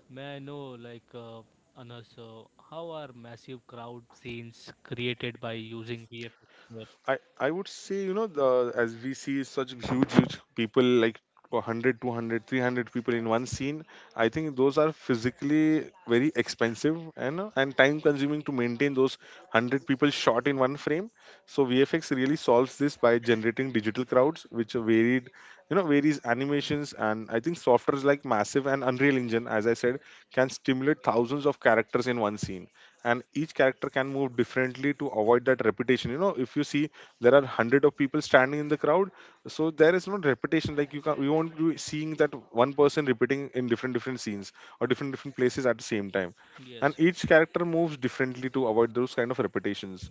B: may I know like uh, Anas, how are massive crowd scenes created by using VFX?
A: I would say, you know, as we see such huge people like 100, 200, 300 people in one scene, I think those are physically very expensive and time consuming to maintain those 100 people shot in one frame. So VFX really solves this by generating digital crowds, which are varied, you know, varies animations. And I think softwares like Massive and Unreal Engine, as I said, can stimulate thousands of characters in one scene, and each character can move differently to avoid that repetition. You know, if you see there are hundred of people standing in the crowd, so there is no repetition. Like you can, you won't be seeing that one person repeating in different scenes or different places at the same time.
B: Yes,
A: And
B: yes.
A: each character moves differently to avoid those kind of repetitions.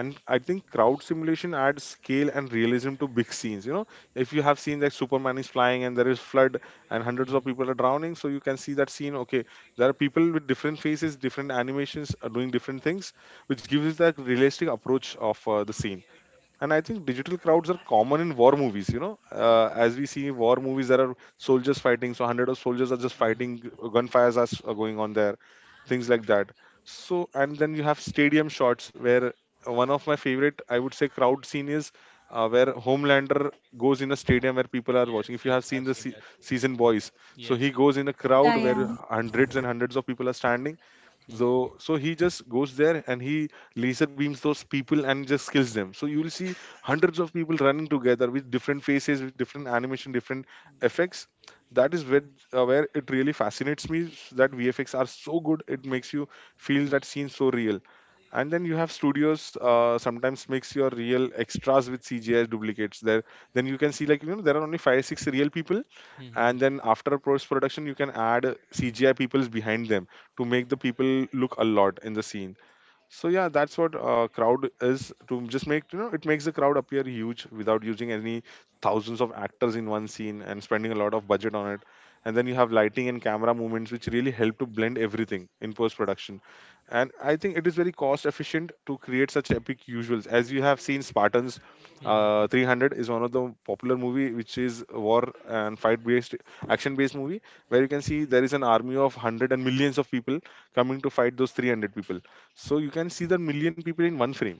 A: And I think crowd simulation adds scale and realism to big scenes. You know, if you have seen that Superman is flying and there is flood and hundreds of
B: Mhm,
A: people are drowning, so you can see that scene. Okay, there are people with different faces, different animations, are doing different things, which gives us that realistic approach of the scene. And I think digital crowds are common in war movies. You know, as we see war movies, there are soldiers fighting. So hundred of soldiers are just
B: mhm.
A: fighting. Gunfires are going on there, things like that. So and then you have stadium shots where one of my favorite, I would say, crowd scene is where Homelander goes in a stadium where people are
B: Yes,
A: watching. If you
B: yes,
A: have seen
B: I've seen that.
A: season Boys, so he
B: Yes.
A: goes in a crowd
C: Yeah,
A: where
C: yeah.
A: hundreds and hundreds of people are standing.
B: Yes. Hmm.
A: So so he just goes there and he laser beams those people and just kills them. So you will see hundreds of people running together with different faces, with different animation, different
B: Yeah.
A: effects. That is where it really fascinates me that VFX are so good. It makes you feel that scene so real. And then you have studios sometimes mix your real extras with CGI duplicates there. Then you can see like you know there are only 5 6 real people,
B: Hmm.
A: and then after post production you can add CGI peoples behind them to make the people look a lot in the scene. So yeah, that's what crowd is to just make you know it makes the crowd appear huge without using any thousands of actors in one scene and spending a lot of budget on it. And then you have lighting and camera movements which really help to blend everything in post production. And I think it is very cost efficient to create such epic visuals. As you have seen, Spartans,
B: Hmm. Mm, mm,
A: 300 is one of the popular movie which is war and fight based action based movie where you can see there is an army of hundred and millions of people coming to fight those 300 people. So you can see the million people in one frame,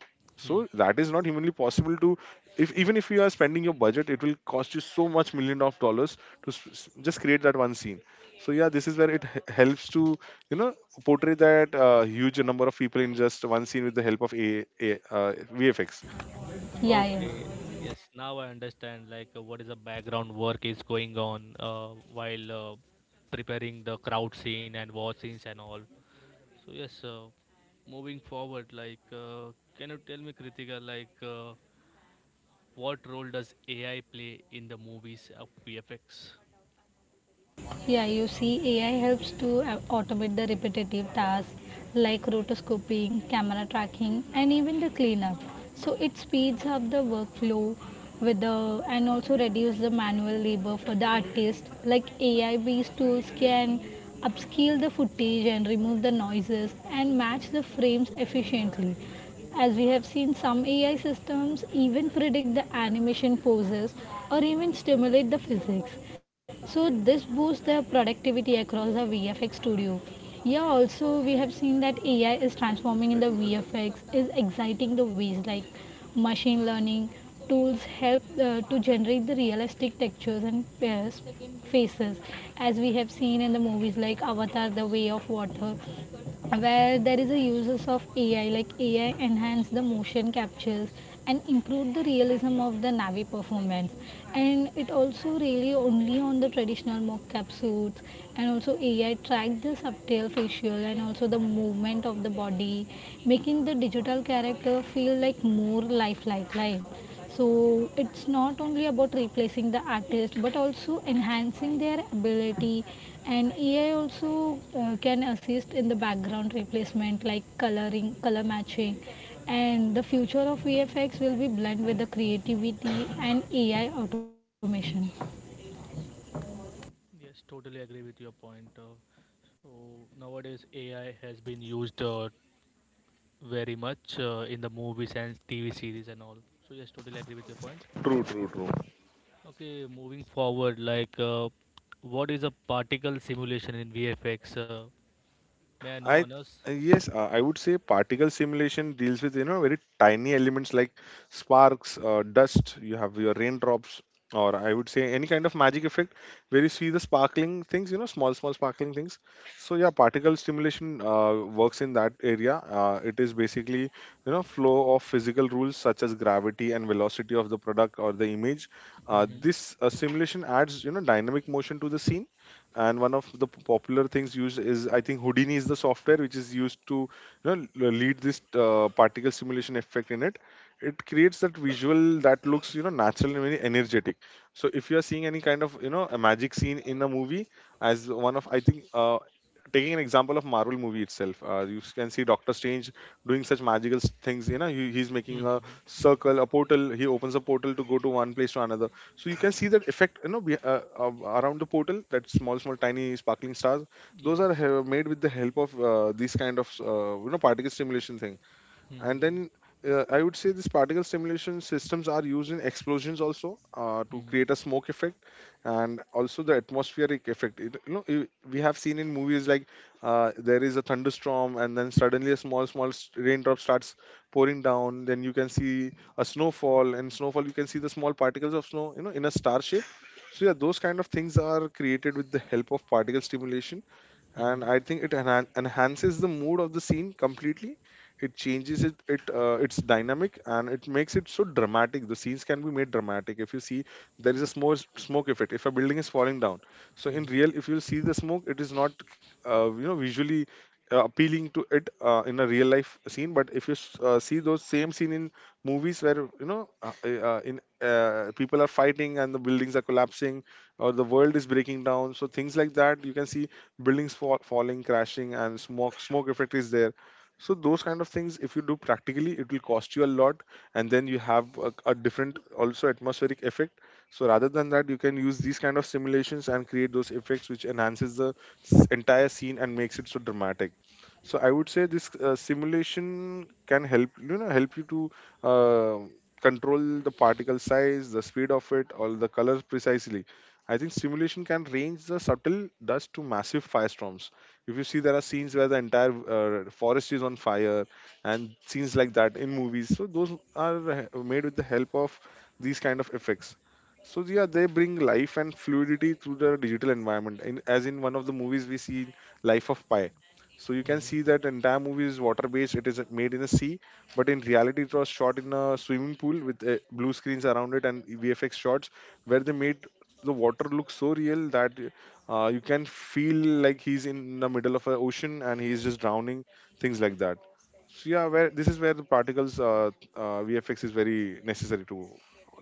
B: mm.
A: so that is not humanly possible to if even if you are spending your budget, it will cost you so much million of dollars to just create that one scene. So yeah, this is where it helps to you know portray that huge number of people in just one scene with the help of a vfx.
C: Yeah, yeah.
B: Okay. Yes. Now I understand. What is the background work is going on while preparing the crowd scene and war scenes and all. So yes. Moving forward, can you tell me, Kritika, what role does AI play in the movies of VFX?
C: Yeah, you see, AI helps to automate the repetitive tasks like rotoscoping, camera tracking, and even the cleanup. So it speeds up the workflow with the and also reduce the manual labor for the artist. Like AI-based tools can upscale the footage and remove the noises and match the frames efficiently. As we have seen, some AI systems even predict the animation poses or even stimulate the physics. So this boosts their productivity across the VFX studio. Yeah, also, we have seen that AI is transforming in the VFX, is exciting the ways like machine learning tools help to generate the realistic textures and faces, as we have seen in the movies like Avatar the Way of Water, where there is a uses of AI, like AI enhance the motion captures and improve the realism of the Navi performance. And it also really only on the traditional mocap suits, and also AI track the subtle facial and also the movement of the body, making the digital character feel like more lifelike. Like, so it's not only about replacing the artist but also enhancing their ability. And AI also, can assist in the background replacement like coloring, color matching. And the future of VFX will be blend with the creativity and AI automation.
B: Yes, totally agree with your point. So nowadays AI has been used very much in the movies and TV series and all. So yes, totally agree with your point.
A: True, true, true.
B: Okay, moving forward, what is a particle simulation in VFX? May I know,
A: I
B: Anas?
A: Yes, I would say particle simulation deals with, you know, very tiny elements like sparks, dust. You have your raindrops, or I would say any kind of magic effect where you see the sparkling things, you know, small small sparkling things. So yeah, particle stimulation works in that area. It is basically, you know, flow of physical rules such as gravity and velocity of the product or the image. Uh,
B: Mm-hmm.
A: this uh, simulation adds, you know, dynamic motion to the scene, and one of the popular things used is, I think, Houdini is the software which is used to, you know, lead this particle simulation effect in it. It creates that visual that looks, you know, natural and very energetic. So if you are seeing any kind of, you know, a magic scene in a movie, as one of, I think, taking an example of Marvel movie itself, you can see Doctor Strange doing such magical things. You know, he's making a
B: Mm-hmm.
A: circle, a portal. He opens a portal to go to one place to another, so you can see that effect, you know, around the portal, that small small tiny sparkling stars. Those are
B: Yes.
A: made with the help of, these kind of you know particle stimulation thing. And
B: Mm-hmm.
A: then, I would say these particle simulation systems are used in explosions also, to create a
B: Mm-hmm.
A: smoke effect and also the atmospheric effect. You know, we have seen in movies like, there is a thunderstorm and then suddenly a small small raindrop starts pouring down. Then you can see a snowfall, and snowfall you can see the small particles of snow, you know, in a star shape. So yeah, those kind of things are created with the help of particle stimulation, and I think it enhances the mood of the scene completely. It changes it. It its dynamic, and it makes it so dramatic. The scenes can be made dramatic. If you see, there is a smoke effect. If a building is falling down, so in real,
B: Mm-hmm.
A: if you see the smoke, it is not you know visually appealing to it in a real life scene. But if you see those same scene in movies where, you know, in people are fighting and the buildings are collapsing or the world is breaking down. So things like that, you can see buildings falling, crashing, and smoke effect is there. So those kind of things, if you do practically, it will cost you a lot, and then you have a different also atmospheric effect. So rather than that, you can use these kind of simulations and create those effects, which enhances the entire scene and makes it so dramatic. So I would say this simulation can help, you know, help you to, uh, control the particle size, the speed of it, all the colors precisely. I think simulation can range the subtle dust to massive firestorms. If you see, there are scenes where the entire forest is on fire, and scenes like that in movies. So those are made with the help of these kind of effects. So yeah, they bring life and fluidity to the digital environment. In, as in one of the movies, we see Life of Pi. So you can see that
B: Mm-hmm.
A: entire movie is water-based. It is made in a sea, but in reality, it was shot in a swimming pool with blue screens around it and VFX shots, where they made the water looks so real that you can feel like he's in the middle of an ocean and he's just drowning, things like that. So yeah, where this is where the particles VFX is very necessary to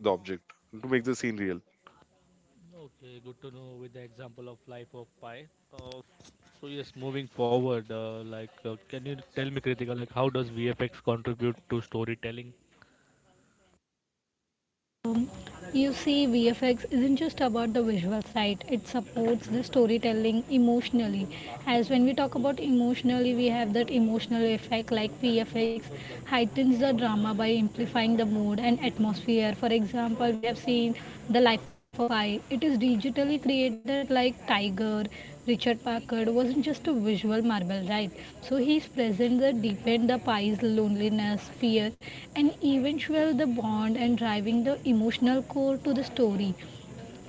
A: the object to make the scene real.
B: Okay, good to know with the example of Life of Pi. Uh, so yes, moving forward, can you tell me, Kritika, like how does VFX contribute to storytelling?
C: um, you see, VFX isn't just about the visuals, right? It supports the storytelling emotionally. As when we talk about emotionally, we have that emotional effect. Like VFX heightens the drama by amplifying the mood and atmosphere. For example, we have seen The Life of Pi. It is digitally created, like Tiger Richard Packard wasn't just a visual Marvel, right? So his presence that deepened the Pie's loneliness, fear, and eventually the bond, and driving the emotional core to the story.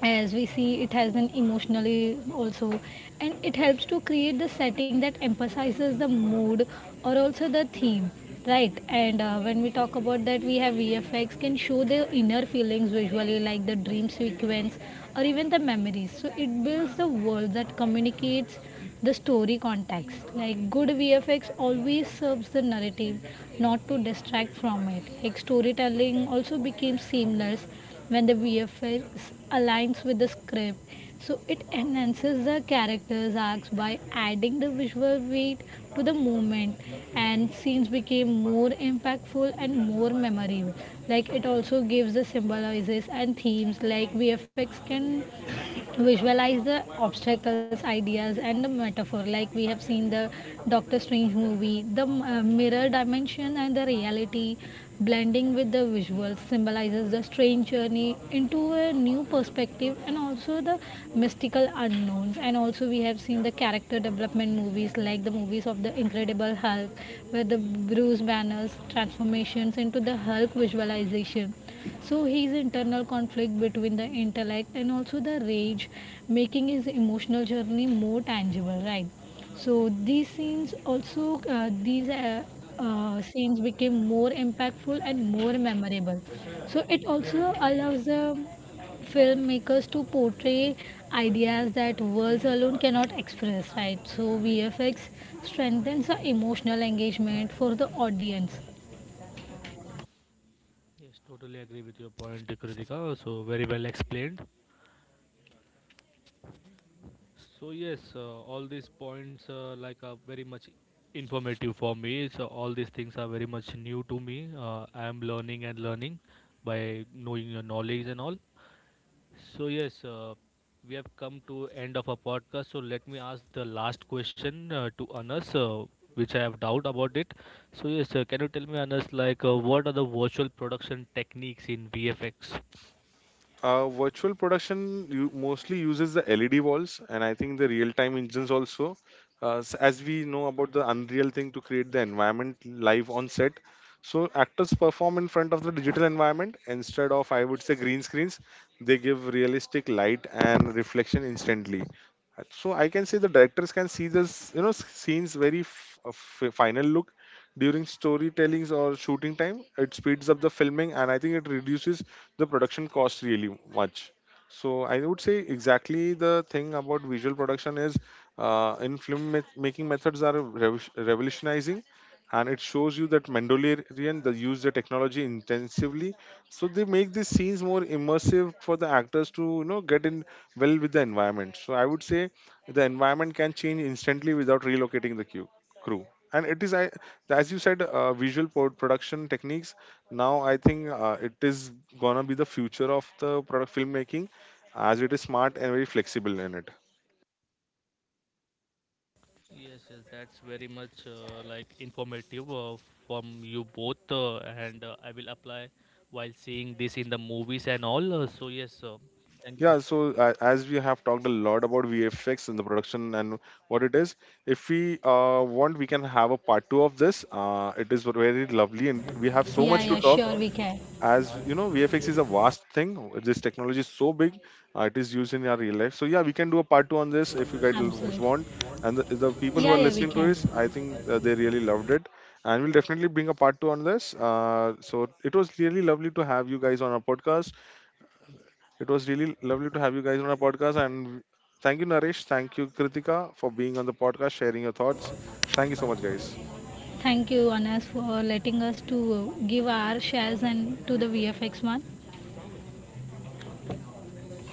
C: As we see, it has an emotionally also, and it helps to create the setting that emphasizes the mood or also the theme, right? And when we talk about that, we have VFX can show the inner feelings visually, like the dream sequence or even the memories. So it builds the world that communicates the story context. Like good VFX always serves the narrative, not to distract from it. Like storytelling also became seamless when the VFX aligns with the script. So it enhances the character's arcs by adding the visual weight to the moment, and scenes became more impactful and more memorable. Like, it also gives the symbolizes and themes. Like VFX can visualize the obstacles ideas and the metaphor, like we have seen the Doctor Strange movie, the mirror dimension and the reality blending with the visuals symbolizes the strange journey into a new perspective and also the mystical unknowns. And also we have seen the character development movies, like the movies of the Incredible Hulk, where the Bruce Banner's transformations into the Hulk visualization, so his internal conflict between the intellect and also the rage, making his emotional journey more tangible, right? So these scenes also, these scenes became more impactful and more memorable. So it also allows the filmmakers to portray ideas that words alone cannot express, right? So VFX strengthens the emotional engagement for the audience.
B: Yes, totally agree with your point, Kritika. So very well explained. So yes, all these points like are very much informative for me. So all these things are very much new to me. I am learning and learning by knowing your knowledge and all. So yes, we have come to end of our podcast. So let me ask the last question to Anas, which I have doubt about it. So yes, can you tell me, Anas, what are the virtual production techniques in VFX?
A: Virtual production mostly uses the LED walls, and I think the real-time engines also. As we know about the Unreal thing to create the environment live on set, so actors perform in front of the digital environment instead of, I would say, green screens. They give realistic light and reflection instantly, so I can say the directors can see this, you know, scenes very final look during storytellings or shooting time. It speeds up the filming, and I think it reduces the production cost really much. So I would say exactly the thing about visual production is, in film making methods are revolutionizing, and it shows you that Mandalorian, they use the technology intensively. So they make these scenes more immersive for the actors to, you know, get in well with the environment. So I would say the environment can change instantly without relocating the crew. And it is, as you said, visual production techniques. Now I think it is gonna be the future of the product filmmaking, as it is smart and very flexible in it.
B: Yes, yes, that's very much like informative from you both, and I will apply while seeing this in the movies and all. So yes, thank you.
A: Yeah, so as we have talked a lot about VFX and the production and what it is, if we want, we can have a part two of this. It is very lovely, and we have so
C: Yeah,
A: much
C: yeah,
A: to talk,
C: sure, we can.
A: as you know, VFX is a vast thing, this technology is so big. It is used in our real life. So yeah, we can do a part two on this if you guys
C: Absolutely.
A: want. And the
C: Yeah,
A: people who
C: yeah,
A: are
C: we
A: listening
C: can.
A: to this, I think they really loved it, and we'll definitely bring a part two on this. So it was really lovely to have you guys on our podcast. It was really lovely to have you guys on our podcast and Thank you, Naresh. Thank you, Kritika, for being on the podcast sharing your thoughts. Thank you so much, guys.
C: Thank you, Anas, for letting us to give our shares and to the VFX one.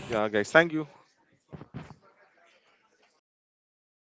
A: Yeah, guys, thank you.